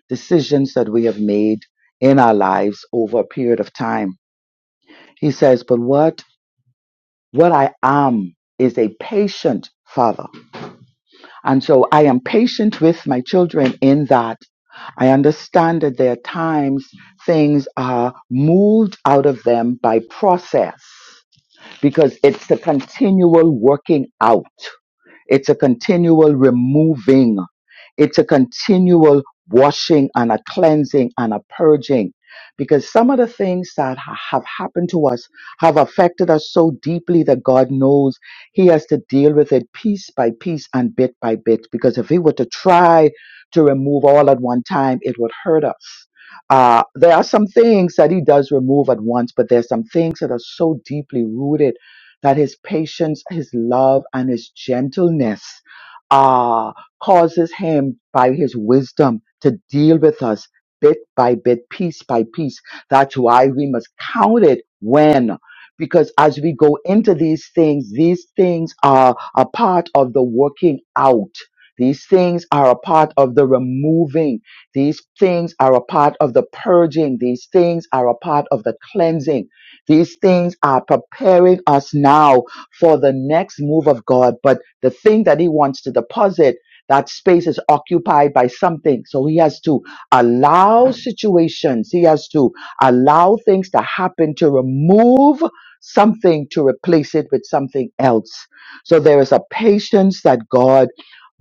decisions that we have made in our lives over a period of time He says, But what? What I am is a patient father. And so I am patient with my children in that I understand that there are times things are moved out of them by process because it's the continual working out. It's a continual removing. It's a continual washing and a cleansing and a purging. Because some of the things that ha- have happened to us have affected us so deeply that God knows He has to deal with it piece by piece and bit by bit. Because if He were to try to remove all at one time, it would hurt us. Uh, there are some things that He does remove at once, but there's some things that are so deeply rooted that his patience, his love, and his gentleness uh, causes him by his wisdom to deal with us bit by bit, piece by piece. That's why we must count it when. Because as we go into these things, these things are a part of the working out. These things are a part of the removing. These things are a part of the purging. These things are a part of the cleansing these things are preparing us now for the next move of God. But the thing that He wants to deposit, that space is occupied by something. So He has to allow situations, He has to allow things to happen to remove something to replace it with something else. So there is a patience that God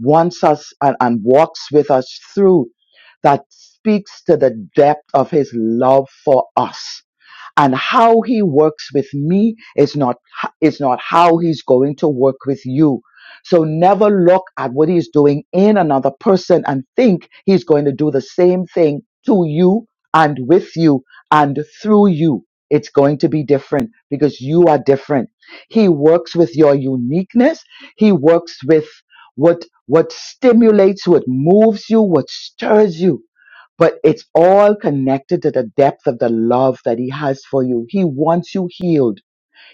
wants us and, and walks with us through that speaks to the depth of His love for us and how he works with me is not is not how he's going to work with you so never look at what he's doing in another person and think he's going to do the same thing to you and with you and through you it's going to be different because you are different he works with your uniqueness he works with what what stimulates what moves you what stirs you but it's all connected to the depth of the love that he has for you. He wants you healed.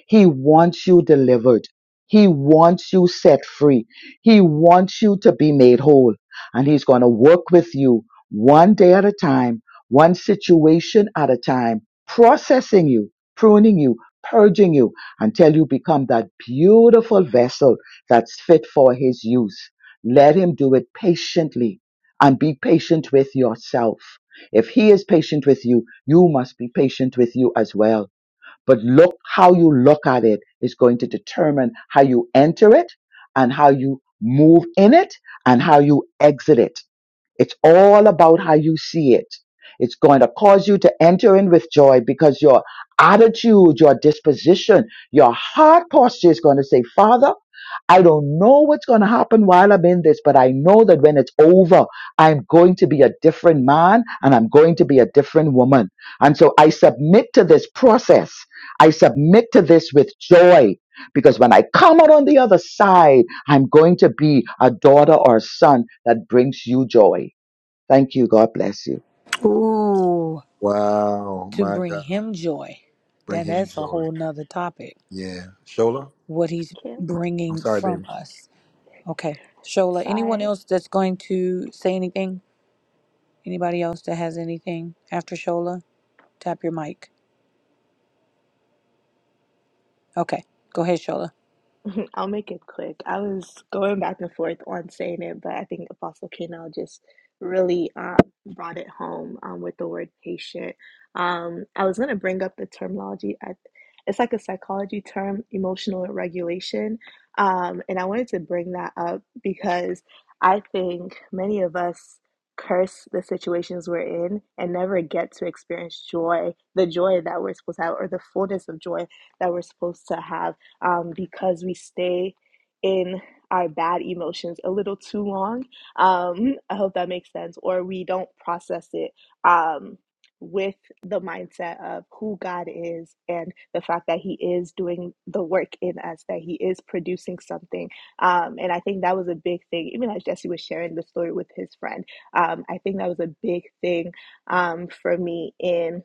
He wants you delivered. He wants you set free. He wants you to be made whole. And He's going to work with you one day at a time, one situation at a time, processing you, pruning you, purging you until you become that beautiful vessel that's fit for His use. Let Him do it patiently and be patient with yourself. If He is patient with you, you must be patient with you as well but look how you look at it is going to determine how you enter it and how you move in it and how you exit it. It's all about how you see it. It's going to cause you to enter in with joy because your attitude, your disposition, your heart posture is going to say, Father, I don't know what's going to happen while I'm in this, but I know that when it's over, I'm going to be a different man and I'm going to be a different woman. And so I submit to this process. I submit to this with joy because when I come out on the other side, I'm going to be a daughter or a son that brings you joy. Thank you. God bless you. Ooh, to bring him joy. Then that's a whole nother topic. What he's bringing from us. Okay, Shola. Anyone Okay. else that's going to say any? Any? like, Okay. I'll make it quick. I was going back and forth on saying it, but I think Apostle Kanell just really um, brought it home um, with the word patient. Um, I was going to bring up the terminology. I, it's like a psychology term, emotional regulation. Um, and I wanted to bring that up because I think many of us curse the situations we're in and never get to experience joy, the joy that we're supposed to have, or the fullness of joy that we're supposed to have um, because we stay in our bad emotions a little too long. Um, I hope that makes sense. Or we don't process it um, with the mindset of who God is and the fact that He is doing the work in us, that He is producing something. Um, and I think that was a big thing, even as Jesse was sharing the story with his friend. Um, I think that was a big thing um, for me in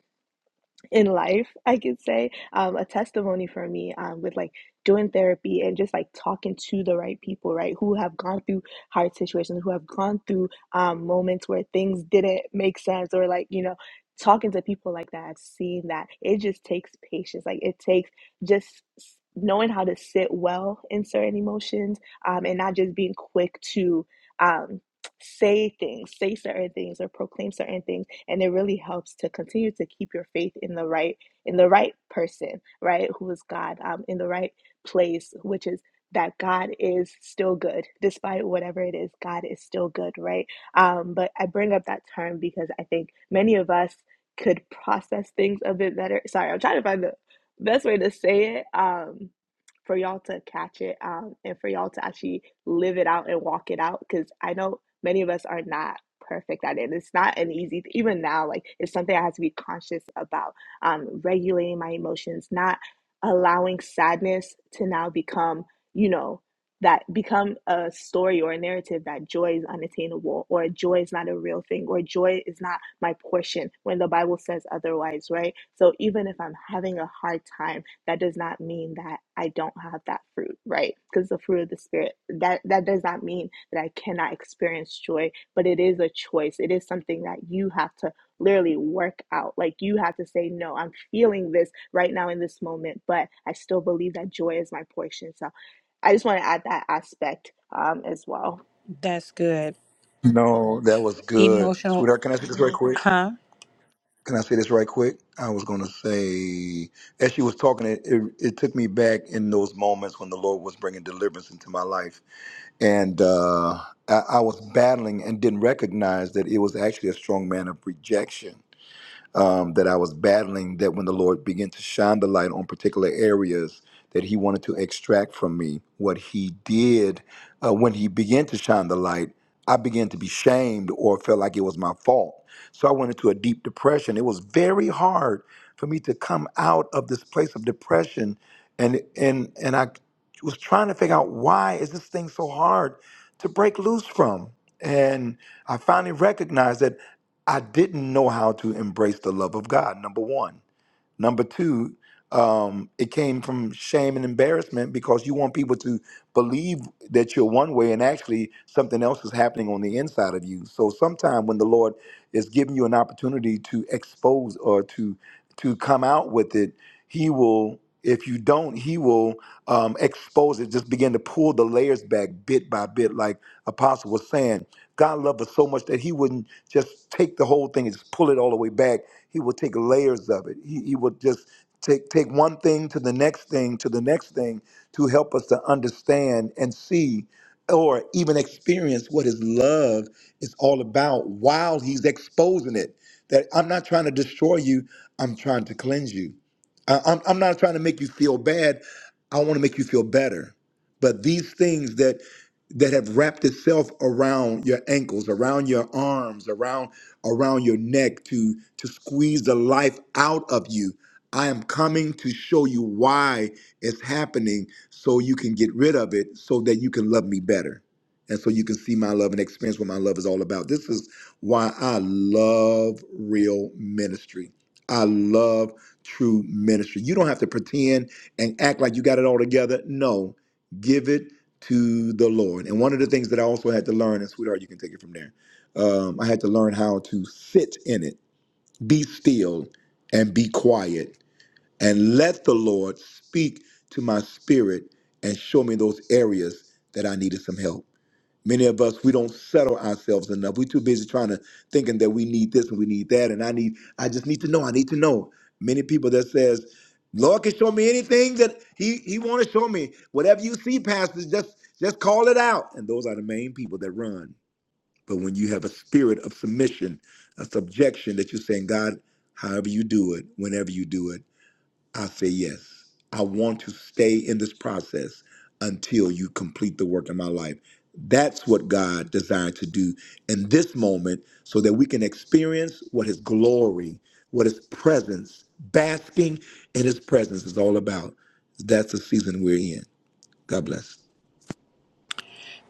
in life, I could say, um, a testimony for me um, with like doing therapy and just like talking to the right people, right, who have gone through hard situations, who have gone through um, moments where things didn't make sense, or like, you know, talking to people like that, seeing that it just takes patience. Like, it takes just s- knowing how to sit well in certain emotions um, and not just being quick to. Um, say things say certain things or proclaim certain things and it really helps to continue to keep your faith in the right in the right person right who is god um, in the right place which is that god is still good despite whatever it is god is still good right um, but i bring up that term because i think many of us could process things a bit better sorry i'm trying to find the best way to say it um, for y'all to catch it um, and for y'all to actually live it out and walk it out because i know many of us are not perfect at it. It's not an easy, even now, like it's something I have to be conscious about. Um, regulating my emotions, not allowing sadness to now become, you know, that become a story or a narrative that joy is unattainable or joy is not a real thing or joy is not my portion when the bible says otherwise right so even if i'm having a hard time that does not mean that i don't have that fruit right because the fruit of the spirit that that does not mean that i cannot experience joy but it is a choice. It is something that you have to literally work out. Like you have to say, no, I'm feeling this right now in this moment, but I still believe that joy is my portion. So I just want to add that aspect um, as well. That's good. Emotional, huh?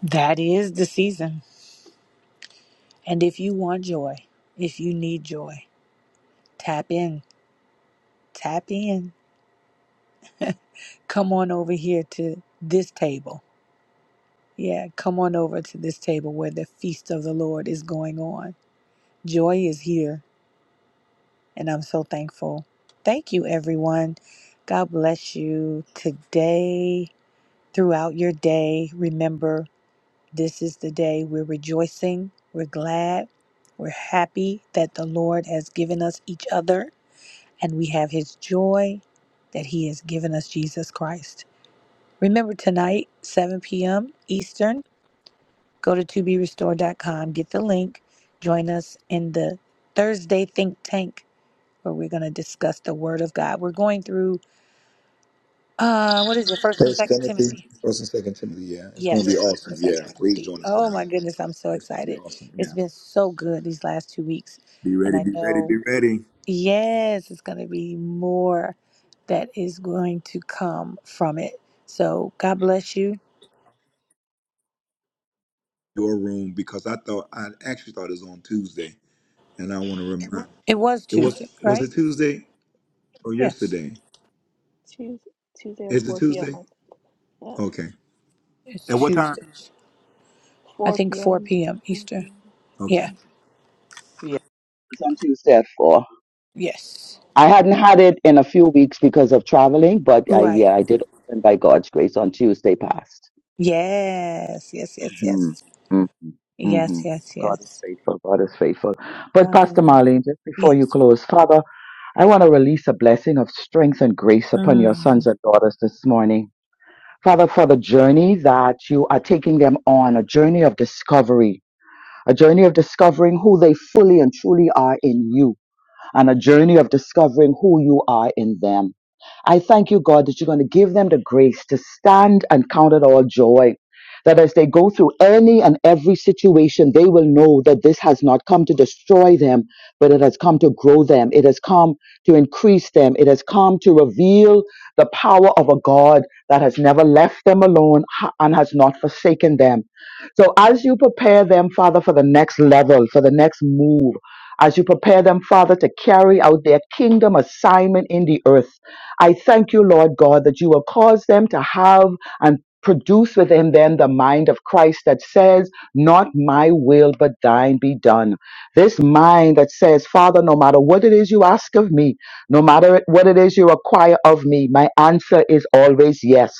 That is the season. And if you want joy, if you need joy, tap in, tap in. Come on over here to this table. Yeah, come on over to this table where the feast of the Lord is going on. Joy is here, and I'm so thankful. Thank you, everyone. God bless you today, throughout your day. Remember, This is the day we're rejoicing, we're glad, we're happy that the Lord has given us each other, and we have His joy that He has given us Jesus Christ. Remember tonight, 7 p.m. Eastern, go to to be restored dot com. get the link, join us in the Thursday Think Tank where we're going to discuss the Word of God. We're going through, uh, what is it, 1st and 2nd Timothy? Yes, First and Second Timothy. Oh my goodness, I'm so excited. It's been so good these last two weeks. And I know, yes, it's going to be more that is going to come from it. So God bless you. It was Tuesday, right? Yes, Tuesday, Tuesday at 4 p.m. Yeah, it's Tuesday. I 4 think 4 p.m. p.m. Eastern. Yeah, Yeah, It's on Tuesday at four. yes. I hadn't had it in a few weeks because of traveling, but I, Right. yeah, I did open by God's grace on Tuesday past. Yes, yes, yes, hmm yes. hmm hmm Yes, yes, God is yes. faithful. God is faithful. But Pastor Um, Marlene, just before you yes. close, Father, I want to release a blessing of strength and grace upon your sons Mm. and daughters this morning. Father, for the journey that you are taking them on, a journey of discovery, a journey of discovering who they fully and truly are in you and a journey of discovering who you are in them. I thank you, God, that you're going to give them the grace to stand and count it all joy. That as they go through any and every situation, they will know that this has not come to destroy them, but it has come to grow them. It has come to increase them. It has come to reveal the power of a God that has never left them alone ha- and has not forsaken them. So as you prepare them, Father, for the next level, for the next move, as you prepare them, Father, to carry out their kingdom assignment in the earth. I thank you, Lord God, that you will cause them to have and produce within them the mind of Christ that says, Not my will, but thine be done. This mind that says, Father, no matter what it is you ask of me, no matter what it is you require of me, my answer is always yes.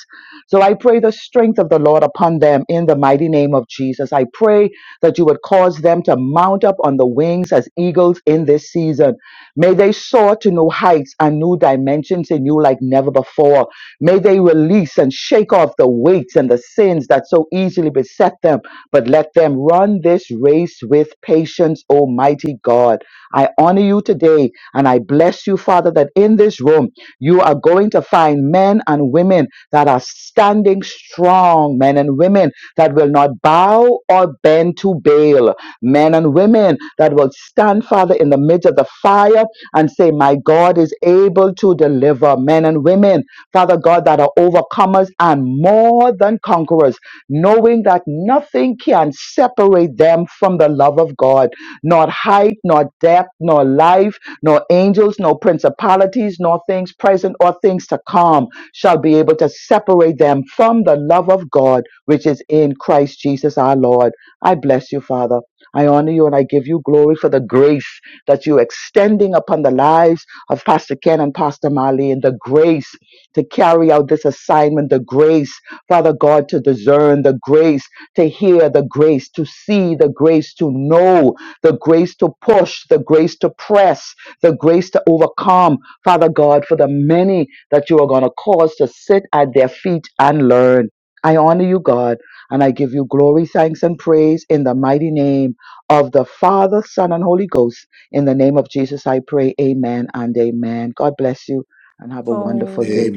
So I pray the strength of the Lord upon them in the mighty name of Jesus. I pray that you would cause them to mount up on the wings as eagles in this season. May they soar to new heights and new dimensions in you like never before. May they release and shake off the weights and the sins that so easily beset them, but let them run this race with patience, Almighty God. I honor you today and I bless you, Father, that in this room you are going to find men and women that are standing strong, men and women that will not bow or bend to Baal, men and women that will stand, Father, in the midst of the fire and say, My God is able to deliver men and women, Father God, that are overcomers and more than conquerors, knowing that nothing can separate them from the love of God, not height, nor depth, nor life, nor angels, nor principalities, nor things present or things to come shall be able to separate them from the love of God, which is in Christ Jesus our Lord. I bless you, Father. I honor you and I give you glory for the grace that you're extending upon the lives of Pastor Ken and Pastor Marley and the grace to carry out this assignment, the grace, Father God, to discern, the grace to hear, the grace to see, the grace to know, the grace to push, the grace to press, the grace to overcome, Father God, for the many that you are going to cause to sit at their feet and learn. I honor you, God, and I give you glory, thanks, and praise in the mighty name of the Father, Son, and Holy Ghost. In the name of Jesus, I pray. Amen and amen. God bless you and have a wonderful Oh. day.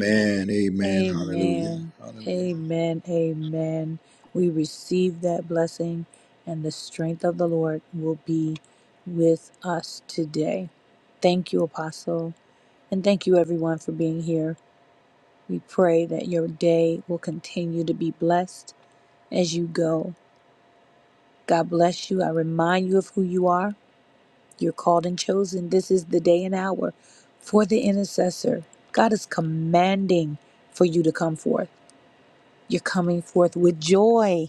Amen. Amen. Amen. We receive that blessing, and the strength of the Lord will be with us today. Thank you, Apostle, and thank you, everyone, for being here. We pray that your day will continue to be blessed as you go. God bless you. I remind you of who you are. You're called and chosen. This is the day and hour for the intercessor. God is commanding for you to come forth. You're coming forth with joy.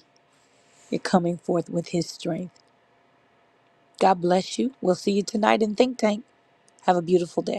You're coming forth with His strength. God bless you. We'll see you tonight in Think Tank. Have a beautiful day.